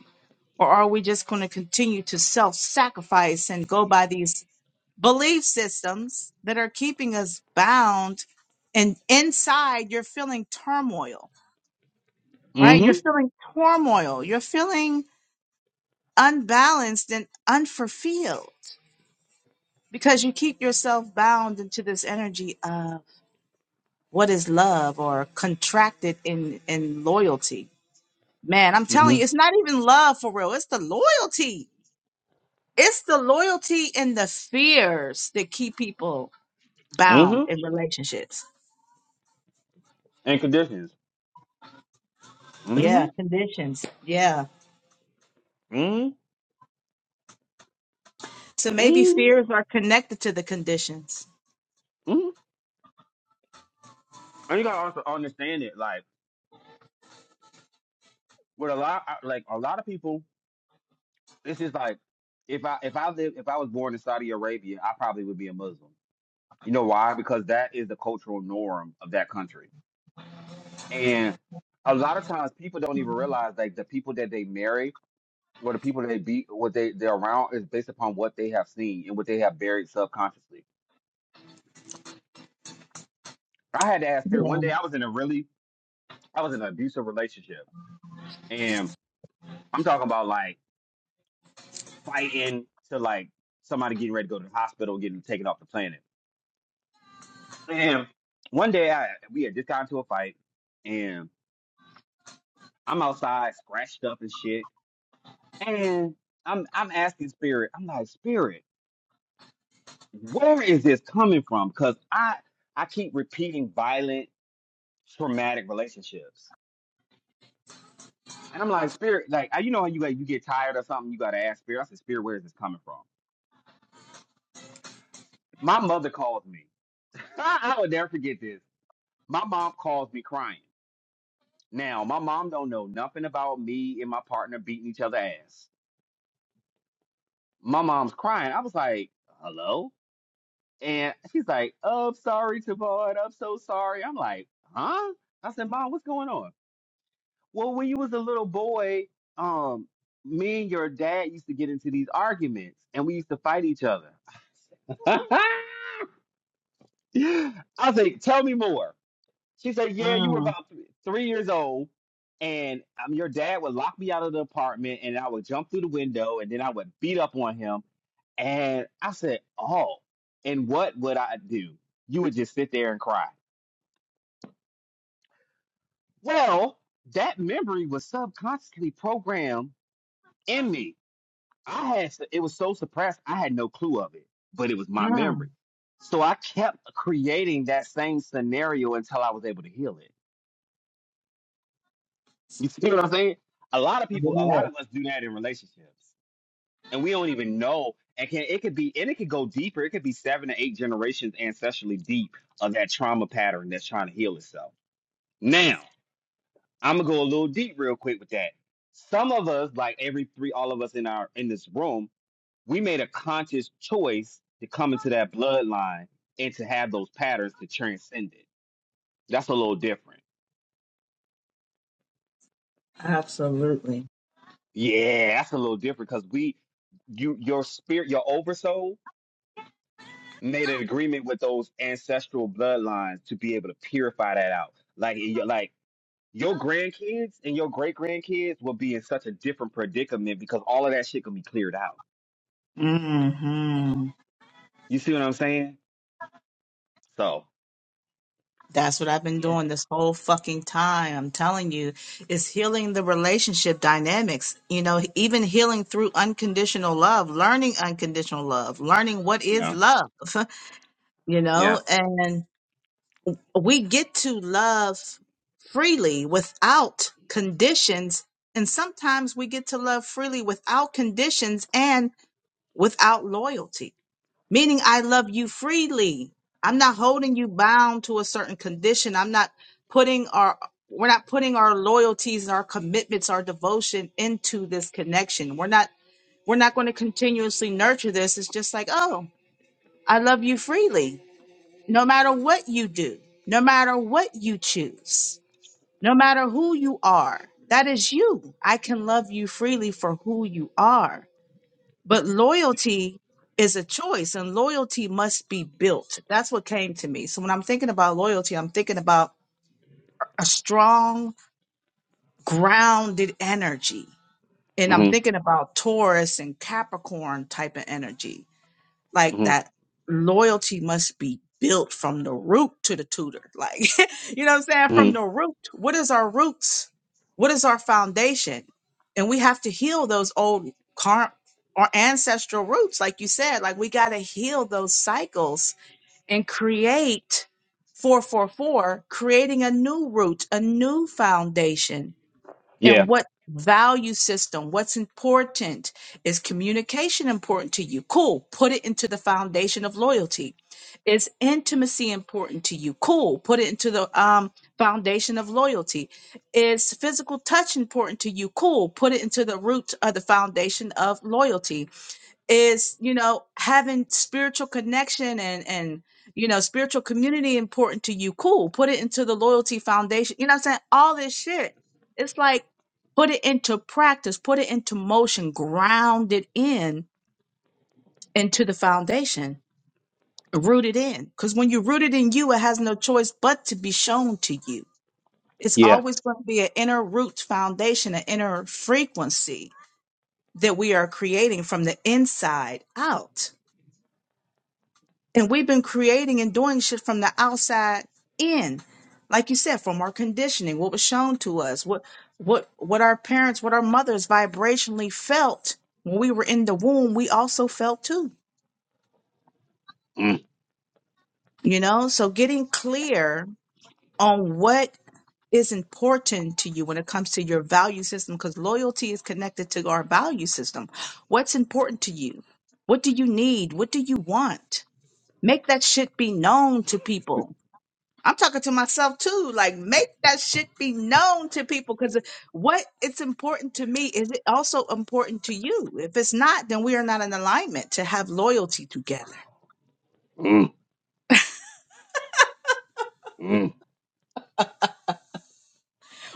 A: Or are we just going to continue to self sacrifice and go by these belief systems that are keeping us bound? And inside, you're feeling turmoil, right?
B: Mm-hmm.
A: You're feeling turmoil. You're feeling unbalanced and unfulfilled because you keep yourself bound into this energy what is love or contracted in in loyalty man i'm telling
B: Mm-hmm.
A: you it's not even love for real it's the loyalty it's the loyalty and the fears that keep people bound
B: hmm
A: in relationships
B: And conditions.
A: yeah
B: Mm-hmm.
A: conditions yeah
B: Mm-hmm.
A: so
B: Mm-hmm.
A: maybe fears are connected to the conditions
B: hmm And you gotta also understand it. Like with a lot, I- like a lot of people, this is like if I if I live if I was born in Saudi Arabia, I probably would be a Muslim. You know why? Because that is the cultural norm of that country. And a lot of times people don't even realize like the people that they marry or the people they beat, what they they're around is based upon what they have seen and what they have buried subconsciously. I had to ask Peter one
A: yeah
B: day. I was in a really, I was in an abusive relationship, and I'm talking about like fighting to like somebody getting ready to go to the hospital, getting taken off the planet. And one day, I we had just gotten into a fight, and I'm outside scratched up and shit, and I'm I'm asking Spirit, I'm like Spirit, where is this coming from? Because I I keep repeating violent. traumatic relationships. And I'm like, spirit, like I- you know, how you like you get tired or something, you gotta ask spirit. I said, spirit, where is this coming from? My mother called me. (laughs) I will never forget this. My mom calls me crying. Now, my mom don't know nothing about me and my partner beating each other ass. My mom's crying. I was like, hello? And she's like, oh, I'm sorry, Tavon. I'm so sorry. I'm like, huh? I said, Mom, what's going on? Well, when you was a little boy, um, me and your dad used to get into these arguments, and we used to fight each other. (laughs) I was like, "Tell me more." She said, "Yeah, you were
A: mm,
B: about th- three years old, and um, your dad would lock me out of the apartment, and I would jump through the window, and then I would beat up on him." And I said, "Oh, and what would I do?" You would just sit there and cry. Well, that memory was subconsciously programmed in me I had it was so suppressed, I had no clue of it, but it was my
A: mm,
B: memory. So I kept creating that same scenario until I was able to heal it. (laughs) You see what I'm saying? A lot of people, a
A: yeah
B: lot of us do that in relationships, and we don't even know. And can it could be, and it could go deeper. It could be seven to eight generations ancestrally deep of that trauma pattern that's trying to heal itself. Now I'm gonna go a little deep real quick with that. Some of us, like every three, all of us in our in this room, we made a conscious choice to come into that bloodline and to have those patterns to transcend it. That's a little different.
A: absolutely
B: Yeah, that's a little different because we, you, your spirit, your oversoul made an agreement with those ancestral bloodlines to be able to purify that out. Like, in your, like your grandkids and your great grandkids will be in such a different predicament because all of that shit can be cleared out.
A: hmm
B: You see what I'm saying? So,
A: That's what I've been
B: yeah,
A: doing this whole fucking time. I'm telling you, it's healing the relationship dynamics. You know, even healing through unconditional love, learning unconditional love, learning what is
B: yeah,
A: love, (laughs) you
B: yeah,
A: know, and we get to love freely without conditions. And sometimes we get to love freely without conditions and without loyalty meaning I love you freely. I'm not holding you bound to a certain condition. I'm not putting our we're not putting our loyalties and our commitments, our devotion into this connection. We're not we're not going to continuously nurture this. It's just like, oh, I love you freely, no matter what you do, no matter what you choose, no matter who you are. That is you. I can love you freely for who you are but loyalty is a choice and loyalty must be built. That's what came to me. So when I'm thinking about loyalty, I'm thinking about a strong, grounded energy. And I'm
B: hmm
A: thinking about Taurus and Capricorn type of energy like
B: hmm
A: that loyalty must be built from the root to the tutor like (laughs) you know what i'm saying
B: hmm
A: from the root what is our roots what is our foundation and we have to heal those old car or ancestral roots like you said like we got to heal those cycles and create 444 creating a new root a new foundation
B: yeah,
A: and what value system what's important is communication important to you cool put it into the foundation of loyalty is intimacy important to you cool put it into the um, foundation of loyalty is physical touch important to you cool put it into the root of the foundation of loyalty is you know having spiritual connection and and you know spiritual community important to you cool put it into the loyalty foundation you know what i'm saying all this shit it's like put it into practice put it into motion ground it in into the foundation root it in because when you root it in you it has no choice but to be shown to you it's
B: yeah.
A: always going to be an inner root foundation an inner frequency that we are creating from the inside out And we've been creating and doing shit from the outside in. Like you said, from our conditioning, what was shown to us, what what what our parents, what our mothers vibrationally felt when we were in the womb, we also felt too.
B: Mm-hmm.
A: You know? So getting clear on what is important to you when it comes to your value system because loyalty is connected to our value system. What's important to you? What do you need? What do you want? Make that shit be known to people I'm talking to myself too. Like, make that shit be known to people because what it's important to me is it also important to you. If it's not, then we are not in alignment to have loyalty together.
B: Mm, mm,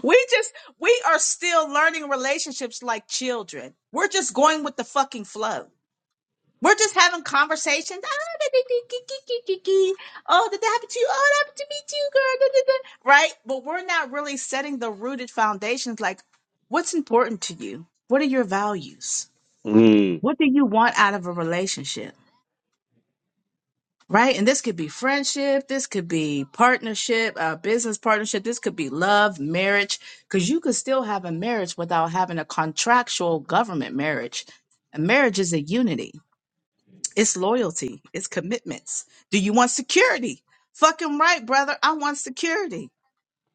A: We just, we are still learning relationships like children. We're just going with the fucking flow. We're just having conversations. Ah, Oh, did that happen to you? Oh, that happened to me too, girl. Da, da, da. Right? But we're not really setting the rooted foundations like what's important to you? What are your values?
B: mm.
A: What do you want out of a relationship? Right? And this could be friendship, this could be partnership, uh, business partnership, this could be love, marriage, because you could still have a marriage without having a contractual government marriage. A marriage is a unity It's loyalty. It's commitments. Do you want security? Fucking right, brother. I want security.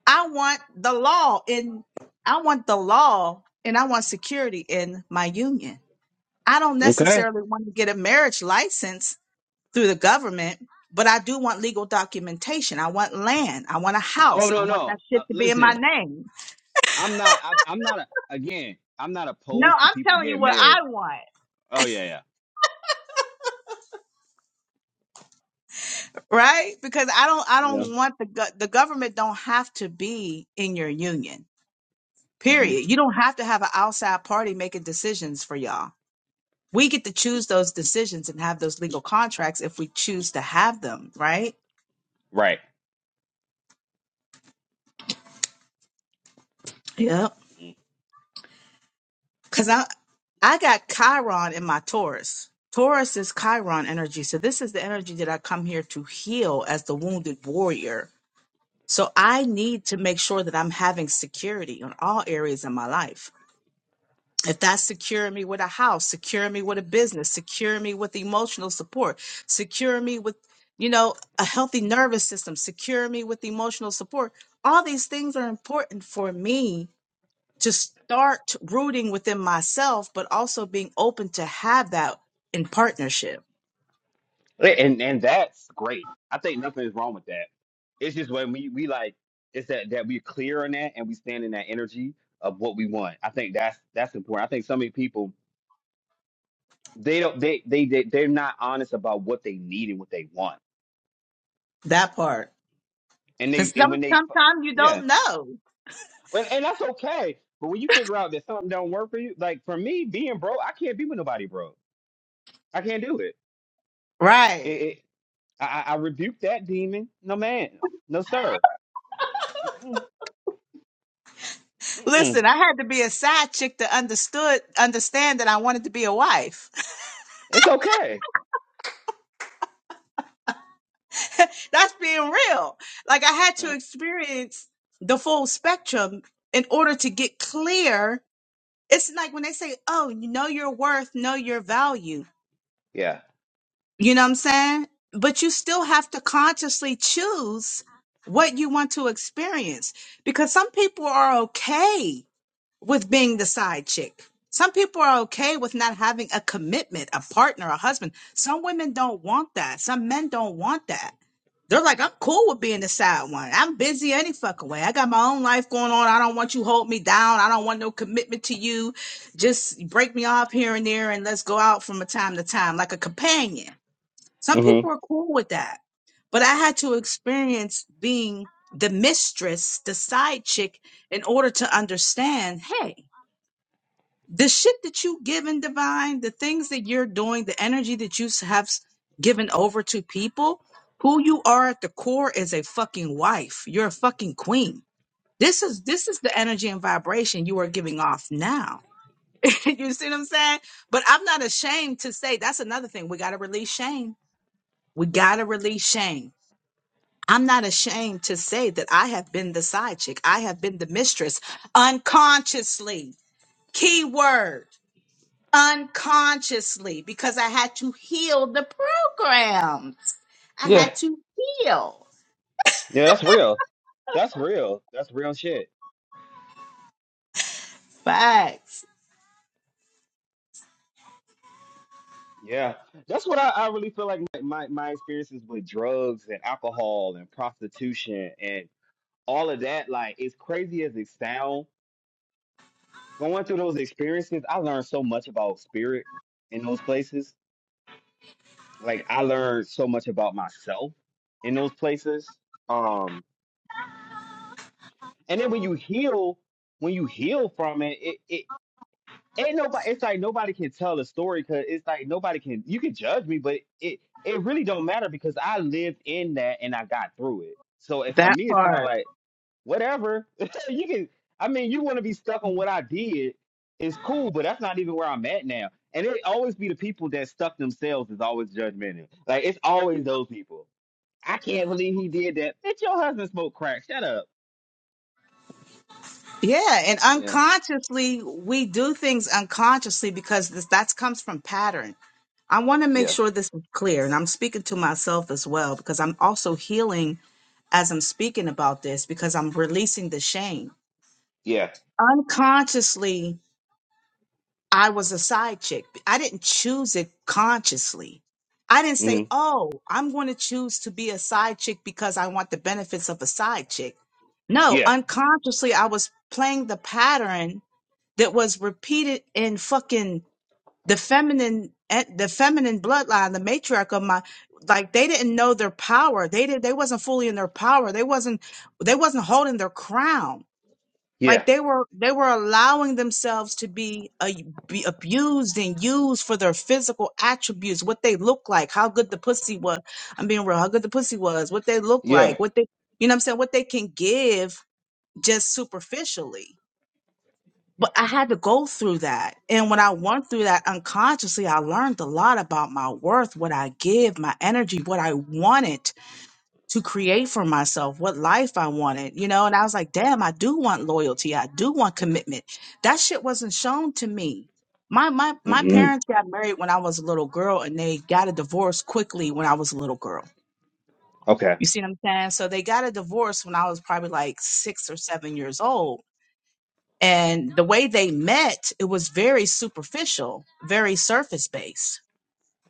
A: I want the law in I want the law and I want security in my union. I don't
B: Okay.
A: necessarily want to get a marriage license through the government, but I do want legal documentation. I want land. I want a
B: Oh
A: house. I
B: no,
A: want
B: no.
A: that
B: Uh,
A: shit to be in my
B: listen,
A: name.
B: I'm not. I'm, I'm not. A, again, I'm not
A: No,
B: opposed to
A: I'm
B: people
A: telling you
B: getting
A: what I
B: married.
A: want,
B: Oh yeah,
A: right? Because I don't I
B: yeah, yeah.
A: don't want the go- the government don't have to be in your union
B: hmm
A: Period. You don't have to have an outside party making decisions for y'all. We get to choose those decisions and have those legal contracts if we choose to have them, right?
B: Right.
A: Yep.
B: Mm.
A: Cause I I got Chiron in my Taurus. Taurus is Chiron energy. So this is the energy that I come here to heal as the wounded warrior. So I need to make sure that I'm having security on all areas in my life. If that's securing me with a house, securing me with a business, securing me with emotional support, securing me with, you know, a healthy nervous system, securing me with emotional support, all these things are important for me to start rooting within myself, but also being open to have that in partnership.
B: And and that's great. I think nothing is wrong with that. It's just when we we like it's that that we're clear on that and we stand in that energy of what we want. I think that's that's important. I think so many people they don't they they, they they're not honest about what they need and what they want.
A: That part.
B: And
A: Because
B: they and
A: some,
B: when they
A: sometimes you
B: yeah
A: don't know.
B: and, and that's okay. But when you figure out that something don't work for you, like for me, being broke, I can't be with nobody broke. I can't do it.
A: Right.
B: It, it I, I I rebuke that demon. No man, no sir. Mm-mm, mm-mm.
A: Listen, I had to be a side chick to understood understand that I wanted to be a wife.
B: It's okay.
A: (laughs) That's being real. Like I had to
B: Mm,
A: experience the full spectrum in order to get clear. It's like when they say, "Oh, you know your worth, know your value."
B: Yeah.
A: You know what I'm saying? But you still have to consciously choose what you want to experience because some people are okay with being the side chick. Some people are okay with not having a commitment, a partner, a husband. Some women don't want that. Some men don't want that they're like, I'm cool with being the side one. I'm busy any fucking way. I got my own life going on. I don't want you hold me down. I don't want no commitment to you. Just break me off here and there and let's go out from a time to time, like a companion. Some
B: hmm
A: people are cool with that. But I had to experience being the mistress, the side chick, in order to understand, hey, the shit that you give given divine the things that you're doing the energy that you s- have s- given over to people who you are at the core is a fucking wife you're a fucking queen this is this is the energy and vibration you are giving off now (laughs) you see what i'm saying but i'm not ashamed to say that's another thing we got to release shame we got to release shame I'm not ashamed to say that I have been the side chick. I have been the mistress unconsciously. Key word unconsciously because I had to heal the program. I
B: Yeah.
A: had to heal.
B: Yeah. That's real. That's real. That's real shit.
A: Facts.
B: Yeah. That's what I, I really feel like my, my my experiences with drugs and alcohol and prostitution and all of that. Like, as crazy as it sounds going through those experiences, I learned so much about spirit in those places. Like I learned so much about myself in those places. Um, and then when you heal, when you heal from it, it, it ain't nobody. It's like nobody can tell a story because it's like nobody can. You can judge me, but it it really don't matter because I lived in that and I got through it. So it, for
A: That
B: me, it's kind of
A: part.
B: like whatever. (laughs) you can. I mean, you want to be stuck on what I did. It's cool, but that's not even where I'm at now. And it always be the people that stuck themselves is always judgmental. Like it's always those people. I can't believe he did that. Bitch, your husband smoked crack. Shut up.
A: Yeah. And
B: Yeah,
A: unconsciously, we do things unconsciously because this, that comes from pattern. I want to make
B: yeah,
A: sure this is clear. And I'm speaking to myself as well because I'm also healing as I'm speaking about this because I'm releasing the shame.
B: yeah,
A: Unconsciously, I was a side chick. I didn't choose it consciously. I didn't say,
B: hmm
A: oh, I'm going to choose to be a side chick because I want the benefits of a side chick. No,
B: yeah,
A: unconsciously, I was playing the pattern that was repeated in fucking the feminine, eh, the feminine bloodline, the matriarch of my, like they didn't know their power. They did, they wasn't fully in their power. They wasn't, they wasn't holding their crown
B: yeah,
A: like they were they were allowing themselves to be, a, be abused and used for their physical attributes what they look like how good the pussy was i'm being real how good the pussy was what they look
B: yeah.
A: like what they you know what i'm saying what they can give just superficially but i had to go through that and when i went through that unconsciously i learned a lot about my worth what i give my energy what i wanted to create for myself what life I wanted, you know? And I was like, damn, I do want loyalty. I do want commitment. That shit wasn't shown to me. My my my
B: hmm
A: parents got married when I was a little girl and they got a divorce quickly when I was a little girl.
B: Okay.
A: You see what I'm saying? So they got a divorce when I was probably like 6 or 7 years old. And the way they met, it was very superficial, very surface based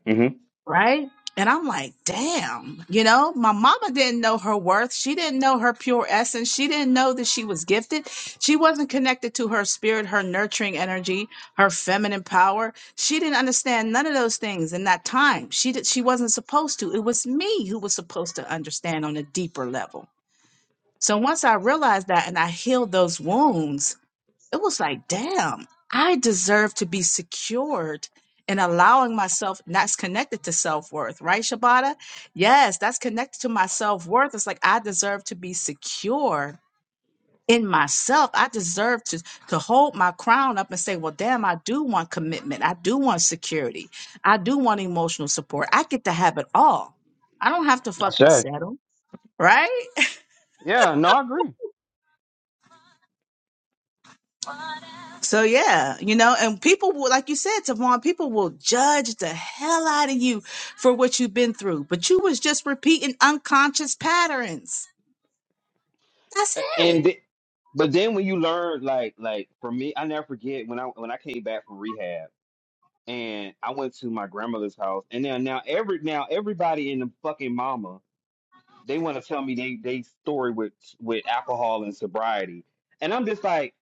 B: hmm
A: right? And I'm like, damn, you know, my mama didn't know her worth. She didn't know her pure essence. She didn't know that she was gifted. She wasn't connected to her spirit, her nurturing energy, her feminine power. She didn't understand none of those things in that time. She did, she wasn't supposed to. It was me who was supposed to understand on a deeper level. So once I realized that and I healed those wounds, it was like, damn, I deserve to be secured and allowing myself, and that's connected to self worth, right, Shabata? Yes, that's connected to my self worth. It's like, I deserve to be secure in myself. I deserve to, to hold my crown up and say, well, damn, I do want commitment. I do want security. I do want emotional support. I get to have it all. I don't have to
B: I
A: fucking
B: say.
A: settle, right?
B: Yeah. No, I agree.
A: So yeah, you know, and people will, like you said, Tavon, people will judge the hell out of you for what you've been through, but you was just repeating unconscious patterns. That's
B: A-
A: it.
B: And th- but then when you learn, like, like for me, I never forget when I when I came back from rehab. and I went to my grandmother's house, and now now every now everybody in the fucking mama they want to tell me they they story with with alcohol and sobriety, and I'm just like,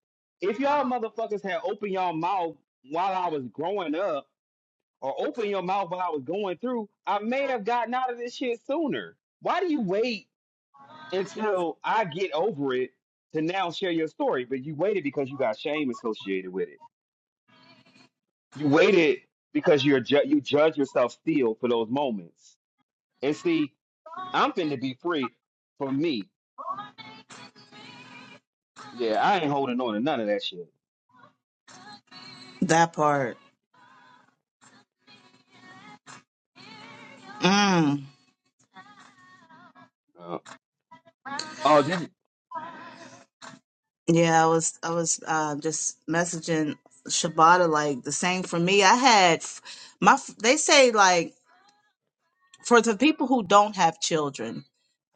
B: if y'all motherfuckers had opened y'all mouth while I was growing up, or open your mouth while I was going through, I may have gotten out of this shit sooner. Why do you wait until I get over it to now share your story? But you waited because you got shame associated with it You waited because you're ju- you judge yourself still for those moments. And see, I'm finna be free for me. Yeah, I ain't holding on to none of that shit.
A: That part. Mm.
B: Uh, oh, did you?
A: Yeah, I was, I was uh, just messaging Shabata like the same for me. I had f- my, f- they say like for the people who don't have children,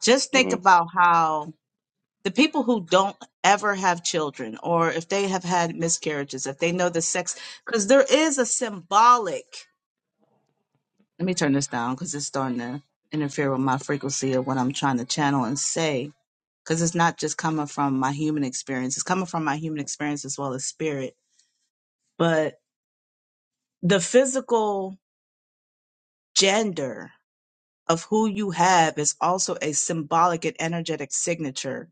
A: just think
B: hmm
A: about how the people who don't ever have children or if they have had miscarriages if they know the sex because there is a symbolic let me turn this down because it's starting to interfere with my frequency of what i'm trying to channel and say because it's not just coming from my human experience it's coming from my human experience as well as spirit but the physical gender of who you have is also a symbolic and energetic signature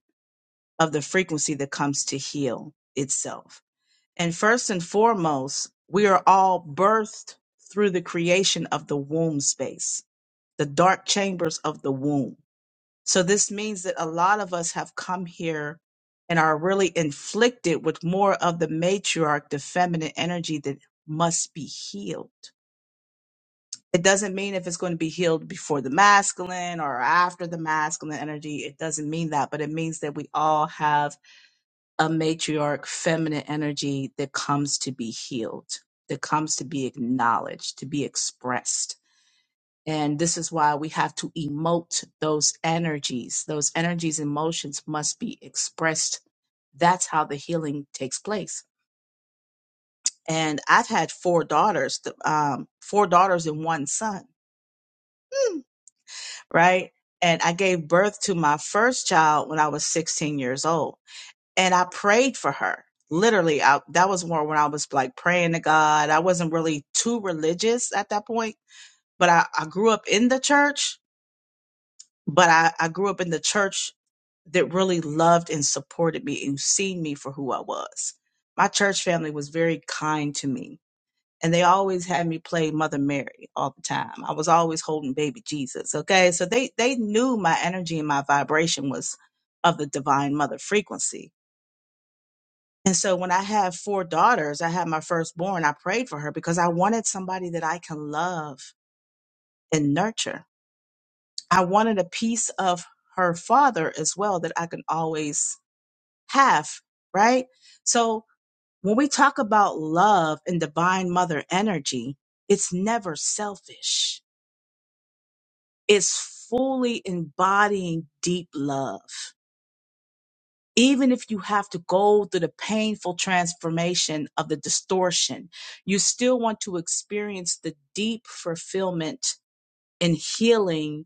A: of the frequency that comes to heal itself And first and foremost, we are all birthed through the creation of the womb space, the dark chambers of the womb. So this means that a lot of us have come here and are really inflicted with more of the matriarch, the feminine energy that must be healed. It doesn't mean if it's going to be healed before the masculine or after the masculine energy. It doesn't mean that, but it means that we all have a matriarch feminine energy that comes to be healed, that comes to be acknowledged, to be expressed. And this is why we have to emote those energies. Those energies, emotions must be expressed. That's how the healing takes place. And I've had four daughters, th- um, four daughters and one son, hmm, right? And I gave birth to my first child when I was 16 years old and I prayed for her. Literally, I, that was more when I was like praying to God. I wasn't really too religious at that point, but I, I grew up in the church, but I, I grew up in the church that really loved and supported me and seen me for who I was. My church family was very kind to me, and they always had me play Mother Mary all the time. I was always holding baby Jesus. Okay, so they they knew my energy and my vibration was of the divine mother frequency And so when I had four daughters, I had my firstborn, I prayed for her because I wanted somebody that I can love and nurture. I wanted a piece of her father as well that I can always have, right? So when we talk about love and divine mother energy, it's never selfish. It's fully embodying deep love even if you have to go through the painful transformation of the distortion, you still want to experience the deep fulfillment and healing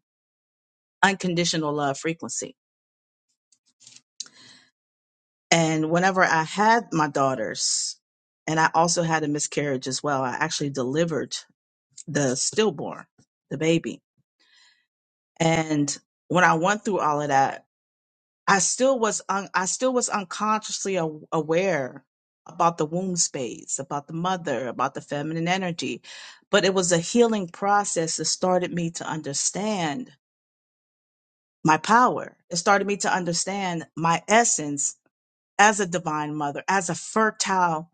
A: unconditional love frequency. And whenever I had my daughters, and I also had a miscarriage as well, I actually delivered the stillborn, the baby. And when I went through all of that, I still was un- I still was unconsciously a- aware about the womb space, about the mother, about the feminine energy, but it was a healing process that started me to understand my power. It started me to understand my essence as a divine mother, as a fertile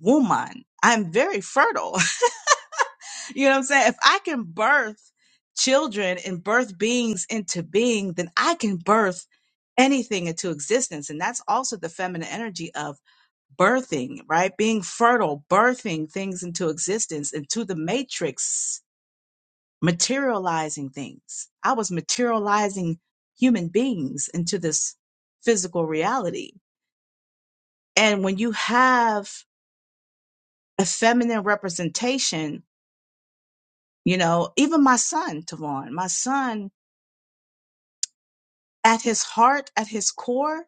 A: woman. I'm very fertile. (laughs) You know what I'm saying? If I can birth children and birth beings into being, then I can birth anything into existence. And that's also the feminine energy of birthing, right? Being fertile, birthing things into existence, into the matrix, materializing things. I was materializing human beings into this physical reality. And when you have a feminine representation, you know, even my son, Tavon, my son at his heart, at his core,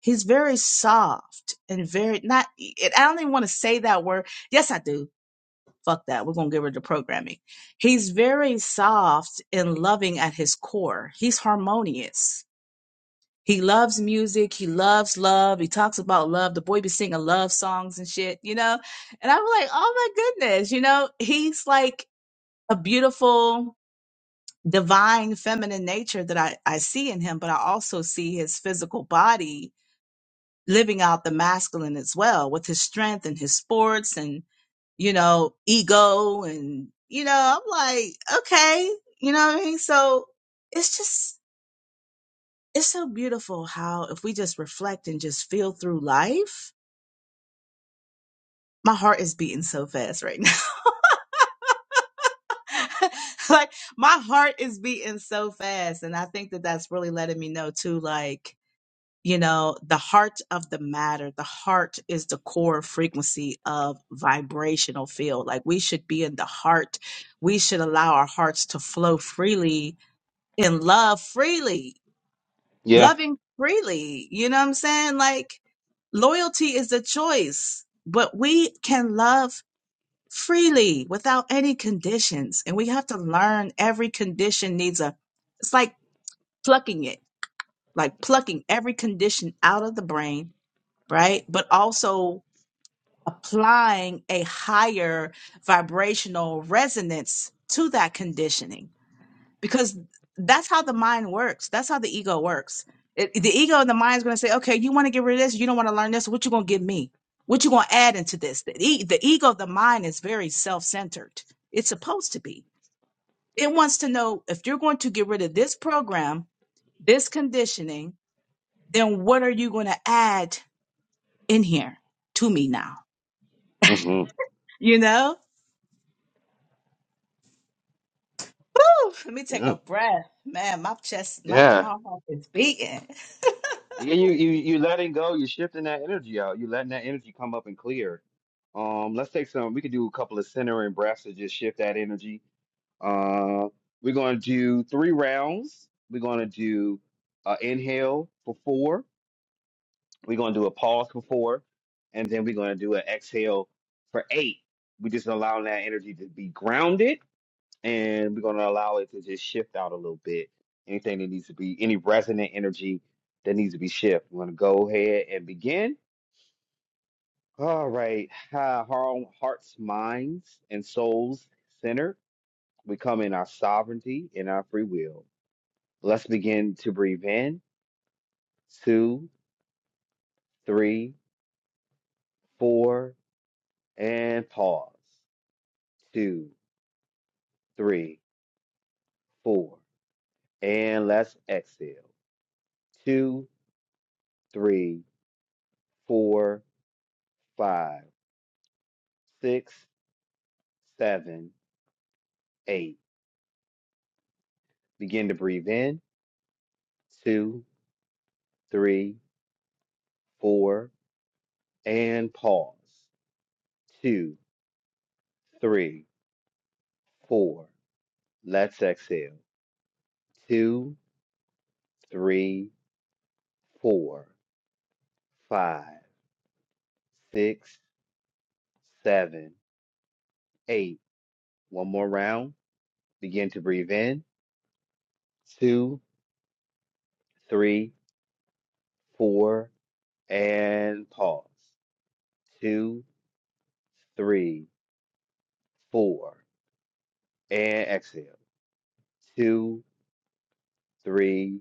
A: he's very soft and very not. It, I don't even want to say that word. Yes, I do. Fuck that. We're going to get rid of the programming. He's very soft and loving at his core. He's harmonious. He loves music. He loves love. He talks about love. The boy be singing love songs and shit, you know? And I'm like, oh my goodness, you know, he's like a beautiful, divine feminine nature that I, I see in him, but I also see his physical body living out the masculine as well with his strength and his sports and you know ego and you know i'm like okay you know what i mean so it's just it's so beautiful how if we just reflect and just feel through life my heart is beating so fast right now (laughs) like my heart is beating so fast and i think that that's really letting me know too like you know the heart of the matter the heart is the core frequency of vibrational field like we should be in the heart we should allow our hearts to flow freely in love freely
B: Yeah.
A: loving freely you know what i'm saying like loyalty is a choice but we can love freely without any conditions and we have to learn every condition needs a it's like plucking it like plucking every condition out of the brain right? But also applying a higher vibrational resonance to that conditioning because that's how the mind works. That's how the ego works. It, the ego and the mind is going to say, okay, you want to get rid of this. You don't want to learn this. What you going to give me? What you going to add into this? The, e- the ego of the mind is very self-centered. It's supposed to be. It wants to know if you're going to get rid of this program, this conditioning, then what are you going to add in here to me now?
B: hmm
A: You know? Whew, let me take
B: Yeah.
A: a
B: Yeah.
A: breath. Man, my chest, my palm is beating.
B: Yeah. You you you letting go. You're shifting that energy out. You letting that energy come up and clear. Um, let's take some. We could do a couple of centering breaths to just shift that energy. Uh, we're gonna do three rounds. We're gonna do uh, inhale for four We're gonna do a pause for four, and then we're gonna do an exhale for eight. We're just allowing that energy to be grounded, and we're gonna allow it to just shift out a little bit. Anything that needs to be, any resonant energy that needs to be shift. We're gonna go ahead and begin. All right, uh, our hearts, minds, and souls centered. We come in our sovereignty and our free will. Let's begin to breathe in. Two, three, four, and pause. Two. three, four. And let's exhale. Two, three, four, five, six, seven, eight. Begin to breathe in. Two, three, four. And pause. Two, three, four. Let's exhale. Two, three, four, five, six, seven, eight. One more round. Begin to breathe in. Two, three, four and pause. Two, three, four, and exhale. Two, three,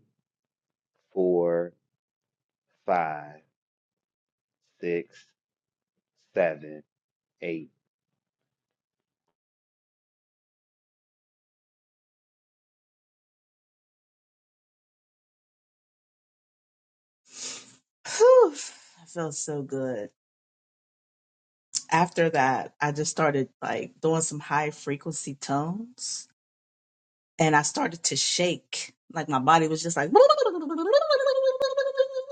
B: four, five, six, seven, eight.
A: Whew, I feel so good. After that, I just started like doing some high frequency tones and I started to shake. Like my body was just like,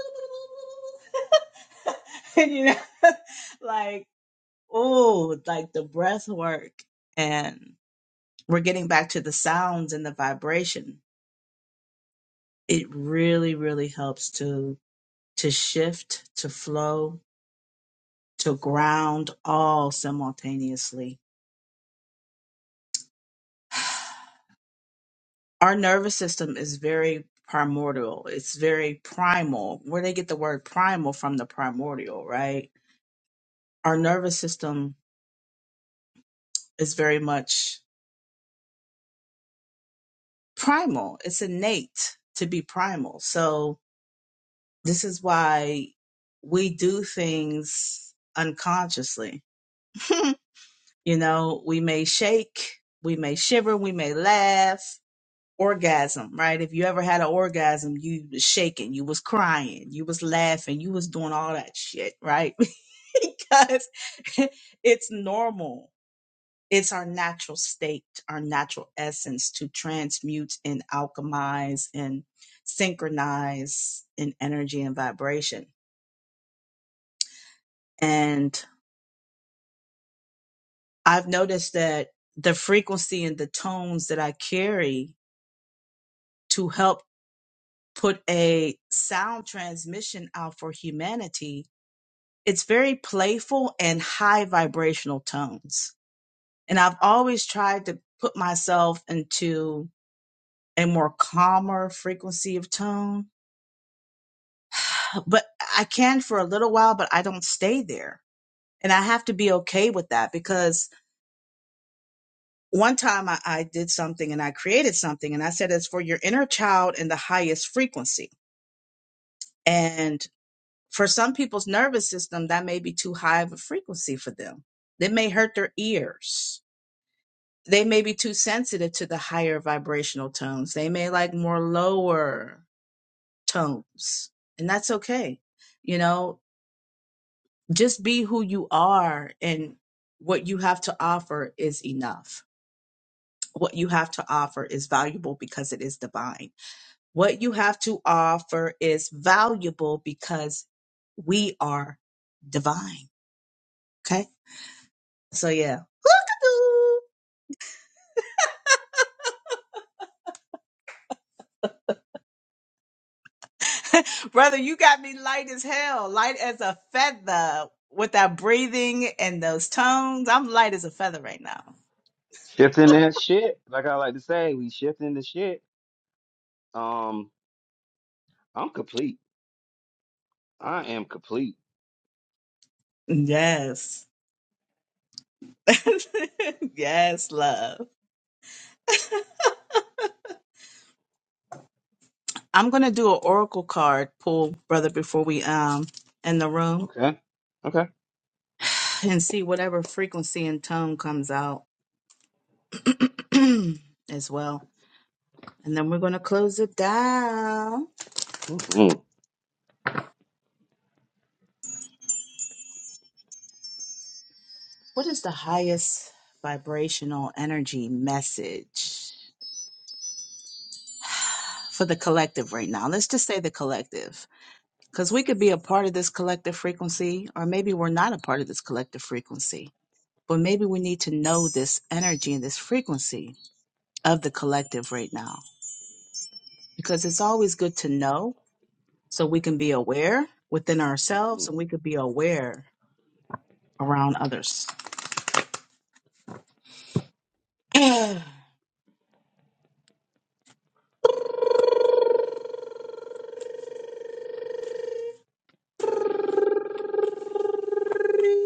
A: (laughs) you know, (laughs) like, oh, like the breath work. And we're getting back to the sounds and the vibration. It really, really helps to. to shift, to flow, to ground all simultaneously. Our nervous system is very primordial. It's very primal. Where they get the word primal from the primordial, right? Our nervous system is very much primal. It's innate to be primal. So this is why we do things unconsciously. (laughs) you know, we may shake, we may shiver, we may laugh, orgasm, right? If you ever had an orgasm, you was shaking, you was crying, you was laughing, you was doing all that shit, right? (laughs) because (laughs) it's normal. It's our natural state, our natural essence to transmute and alchemize and synchronize in energy and vibration. And I've noticed that the frequency and the tones that I carry to help put a sound transmission out for humanity it's very playful and high vibrational tones. And I've always tried to put myself into a more calmer frequency of tone, but I can for a little while, but I don't stay there. And I have to be okay with that because one time I, I did something and I created something and I said it's for your inner child in the highest frequency. And for some people's nervous system, that may be too high of a frequency for them. That may hurt their ears They may be too sensitive to the higher vibrational tones. They may like more lower tones, and that's okay. You know, just be who you are, and what you have to offer is enough. What you have to offer is valuable because it is divine. What you have to offer is valuable because we are divine. Okay. So, yeah. (laughs) (laughs) Brother, you got me light as hell, light as a feather with that breathing and those tones. I'm light as a feather right now.
B: Shifting that shit, like I like to say, we shifting the shit. Um, I'm complete. I am complete.
A: Yes. (laughs) yes, love. I'm going to do an oracle card pull, brother, before we um in the room
B: Okay, okay.
A: and see whatever frequency and tone comes out (clears throat) as well. And then we're going to close it down.
B: Mm-hmm.
A: What is the highest vibrational energy message for the collective right now? Let's just say the collective, because we could be a part of this collective frequency, or maybe we're not a part of this collective frequency, but maybe we need to know this energy and this frequency of the collective right now, because it's always good to know so we can be aware within ourselves and we could be aware around others.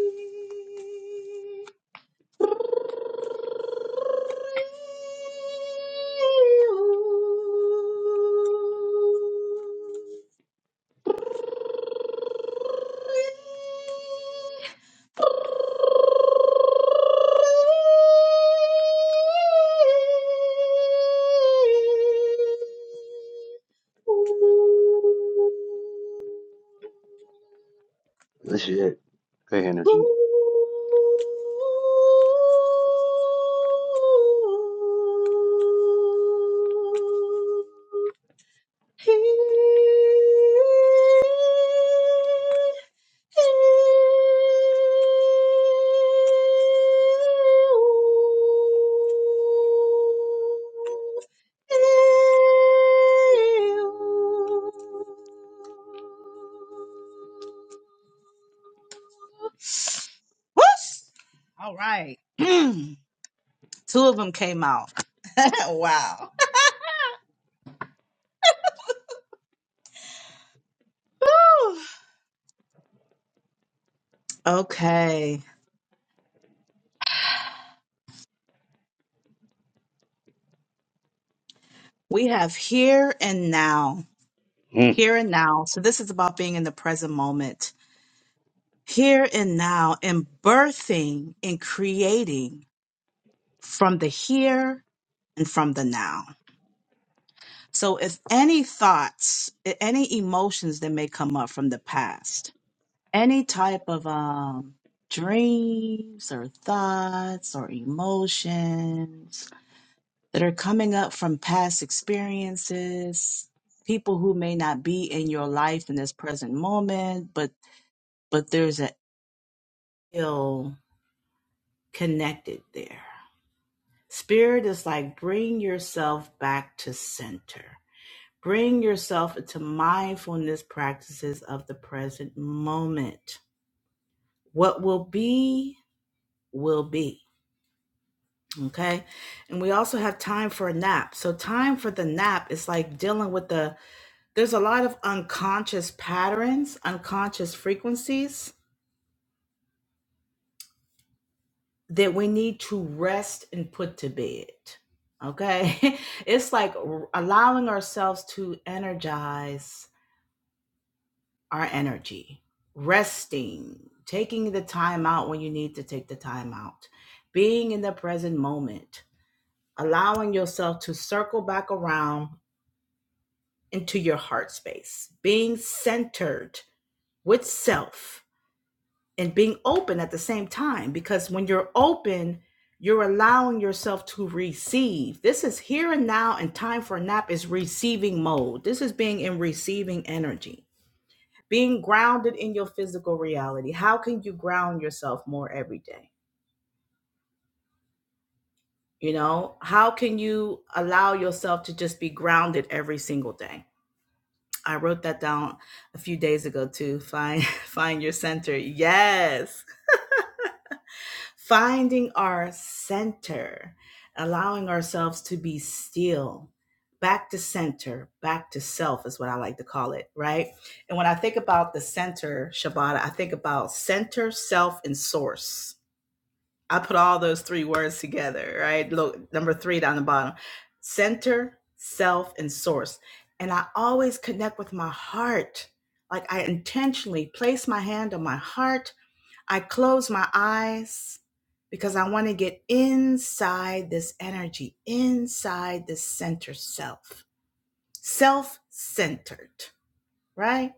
A: (clears throat) (sighs) Ooh.
B: Good shit. Good energy.
A: Whoosh! All right. (clears throat) Two of them came out. (laughs) wow. Whew. Okay. We have here and now. Here and now. So this is about being in the present moment. Here and now and birthing and creating from the here and from the now. So if any thoughts, any emotions that may come up from the past, any type of um dreams or thoughts or emotions that are coming up from past experiences people who may not be in your life in this present moment but but there's a ill connected there spirit is like bring yourself back to center bring yourself into mindfulness practices of the present moment what will be will be Okay. And we also have time for a nap. So, time for the nap is like dealing with the, there's a lot of unconscious patterns, unconscious frequencies that we need to rest and put to bed. Okay. (laughs) it's like r- allowing ourselves to energize our energy, resting, taking the time out when you need to take the time out, being in the present moment, allowing yourself to circle back around into your heart space, being centered with self and being open at the same time. Because when you're open, you're allowing yourself to receive. This is here and now, and time for a nap is receiving mode. This is being in receiving energy, being grounded in your physical reality. How can you ground yourself more every day? You know, how can you allow yourself to just be grounded every single day? I wrote that down a few days ago too. Find (laughs) find your center. Yes. Finding our center, allowing ourselves to be still. Back to center, back to self is what I like to call it, right? And when I think about the center, Shabbat, I think about center, self, and source I put all those three words together, right? Look, number three down the bottom center, self, and source. And I always connect with my heart. Like I intentionally place my hand on my heart. I close my eyes because I want to get inside this energy, inside the center self, self centered, right?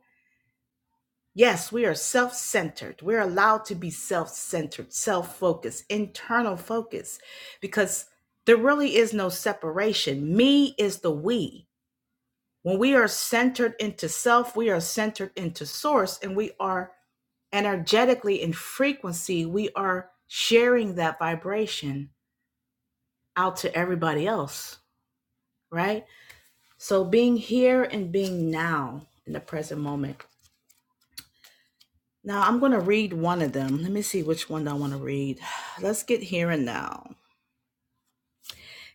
A: Yes, we are self centered. We're allowed to be self centered, self focused, internal focus, because there really is no separation. Me is the we. When we are centered into self, we are centered into source, and we are energetically in frequency, we are sharing that vibration out to everybody else, right? So being here and being now in the present moment Now I'm going to read one of them. Let me see which one I want to read. (sighs) Let's get here and now.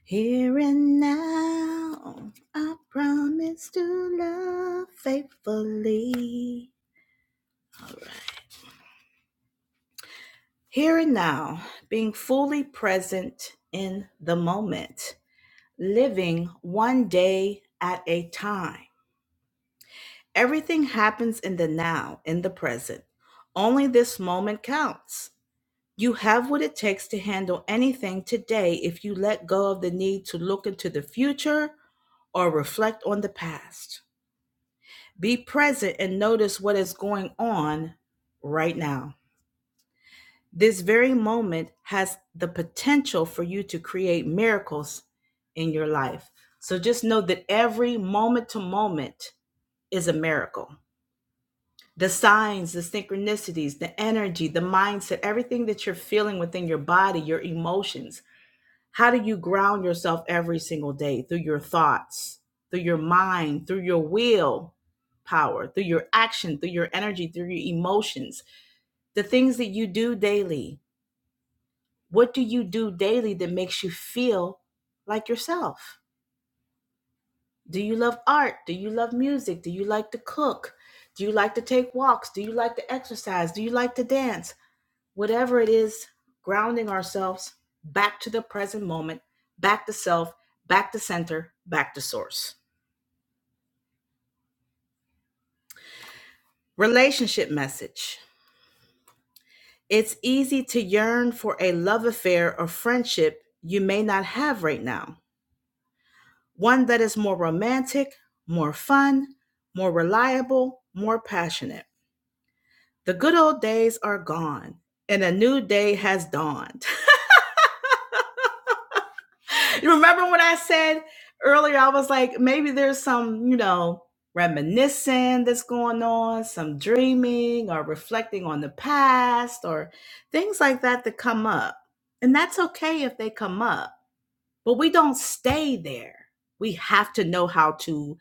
A: Here and now, I promise to love faithfully. All right. Here and now, being fully present in the moment, living one day at a time. Everything happens in the now, in the present. Only this moment counts. You have what it takes to handle anything today if you let go of the need to look into the future or reflect on the past. Be present and notice what is going on right now. This very moment has the potential for you to create miracles in your life. So just know that every moment to moment is a miracle. The signs, the synchronicities, the energy, the mindset, everything that you're feeling within your body, your emotions, How do you ground yourself every single day through your thoughts, through your mind, through your will power, through your action, through your energy, through your emotions, the things that you do daily? What do you do daily that makes you feel like yourself? Do you love art? Do you love music? Do you like to cook? Do you like to take walks? Do you like to exercise? Do you like to dance? whatever it is, grounding ourselves back to the present moment, back to self, back to center, back to source. Relationship message. It's easy to yearn for a love affair or friendship you may not have right now, one that is more romantic, more fun, more reliable, more passionate. The good old days are gone, and a new day has dawned. You remember when I said earlier, I was like, maybe there's some, you know, reminiscing that's going on, some dreaming or reflecting on the past or things like that that come up. And that's okay if they come up, but we don't stay there. We have to know how to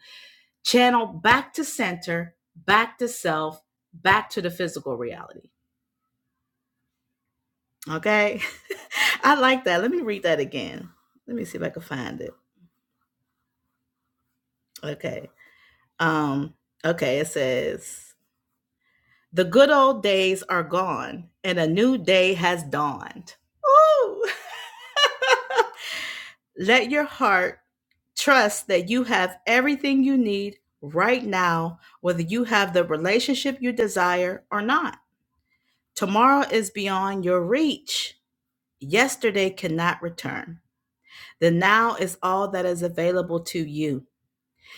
A: channel back to center, back to self, back to the physical reality. Okay. (laughs) I like that. Let me read that again. Let me see if I can find it. Okay. Um, okay, it says the good old days are gone and a new day has dawned. Ooh. (laughs) Let your heart trust that you have everything you need right now, whether you have the relationship you desire or not. Tomorrow is beyond your reach. Yesterday cannot return. The now is all that is available to you.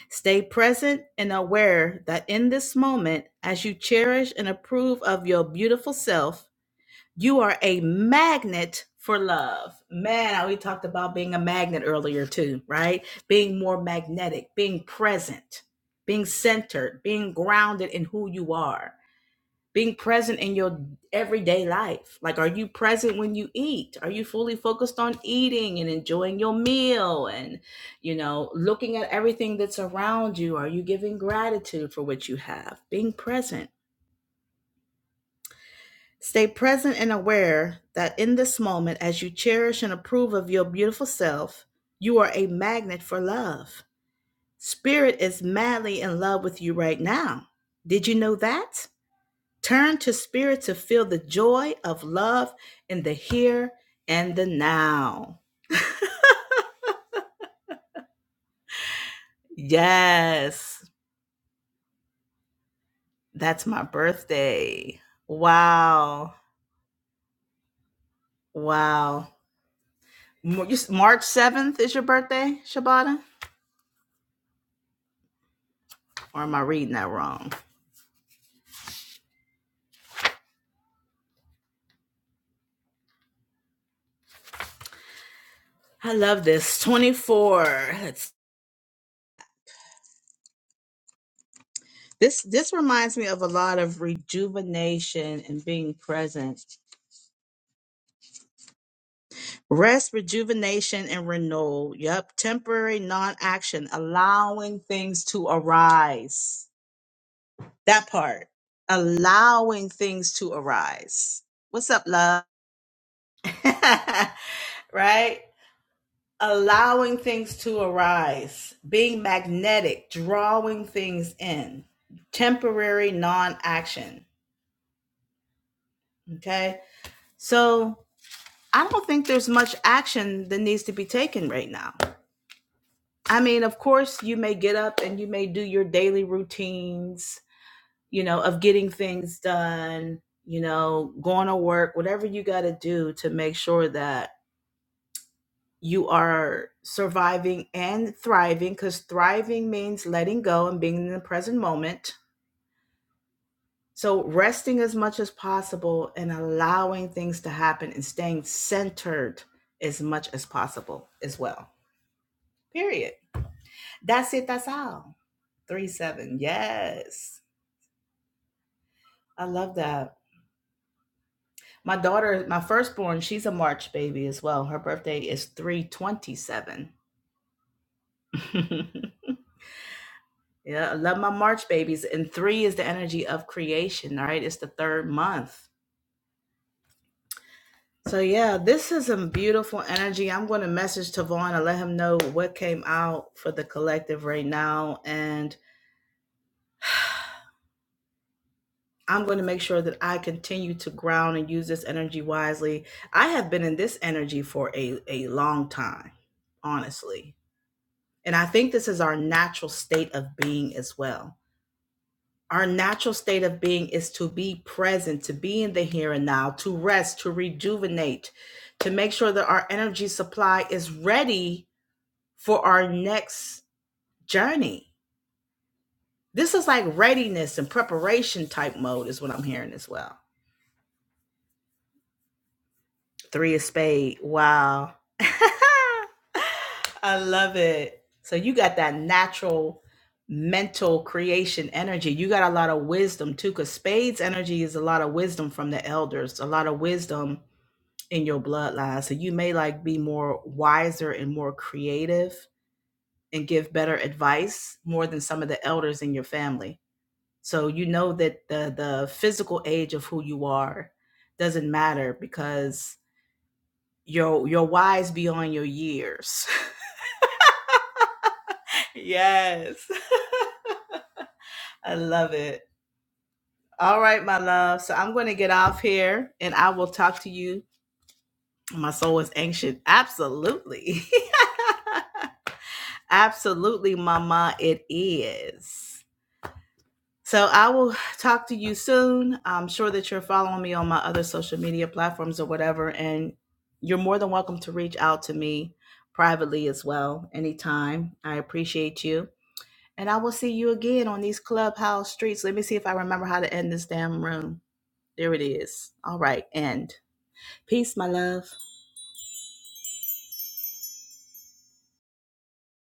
A: Stay present and aware that in this moment, as you cherish and approve of your beautiful self, you are a magnet for love. Man, we talked about being a magnet earlier too, right? Being more magnetic, being present, being centered, being grounded in who you are being present in your everyday life. Like, are you present when you eat? Are you fully focused on eating and enjoying your meal and, you know, looking at everything that's around you? Are you giving gratitude for what you have? Being present. Stay present and aware that in this moment, as you cherish and approve of your beautiful self, you are a magnet for love. Spirit is madly in love with you right now. Did you know that? Turn to spirit to feel the joy of love in the here and the now. Yes, that's my birthday. Wow. Wow. March 7th is your birthday, Shabata? Or am I reading that wrong? I love this. 24. This this reminds me of a lot of rejuvenation and being present Rest, rejuvenation, and renewal. Yep. Temporary non action, allowing things to arise. That part, allowing things to arise. What's up, love? (laughs) right? Allowing things to arise, being magnetic, drawing things in, temporary non action. Okay. So I don't think there's much action that needs to be taken right now I mean, of course, you may get up and you may do your daily routines, you know, of getting things done, you know, going to work, whatever you got to do to make sure that you are surviving and thriving, because thriving means letting go and being in the present moment. So, resting as much as possible and allowing things to happen and staying centered as much as possible as well. Period. That's it. That's all. Three, seven. Yes. I love that. My daughter, my firstborn, she's a March baby as well. Her birthday is 327. (laughs) yeah, I love my March babies. And three is the energy of creation, all right? It's the third month. So, yeah, this is some beautiful energy. I'm going to message Tavon and let him know what came out for the collective right now. And I'm going to make sure that I continue to ground and use this energy wisely. I have been in this energy for a, a long time, honestly And I think this is our natural state of being as well. Our natural state of being is to be present, to be in the here and now, to rest, to rejuvenate, to make sure that our energy supply is ready for our next journey. This is like readiness and preparation type mode, is what I'm hearing as well. Three of spade. Wow. (laughs) I love it. So you got that natural mental creation energy. You got a lot of wisdom too, because spades energy is a lot of wisdom from the elders, a lot of wisdom in your bloodline. So you may like be more wiser and more creative and give better advice more than some of the elders in your family. So you know that the the physical age of who you are doesn't matter because your your wise beyond your years. (laughs) yes. (laughs) I love it. All right, my love. So I'm going to get off here and I will talk to you. My soul is anxious. Absolutely. (laughs) Absolutely, mama. It is. So I will talk to you soon. I'm sure that you're following me on my other social media platforms or whatever. And you're more than welcome to reach out to me privately as well anytime. I appreciate you. And I will see you again on these clubhouse streets. Let me see if I remember how to end this damn room. There it is. All right, end. Peace, my love.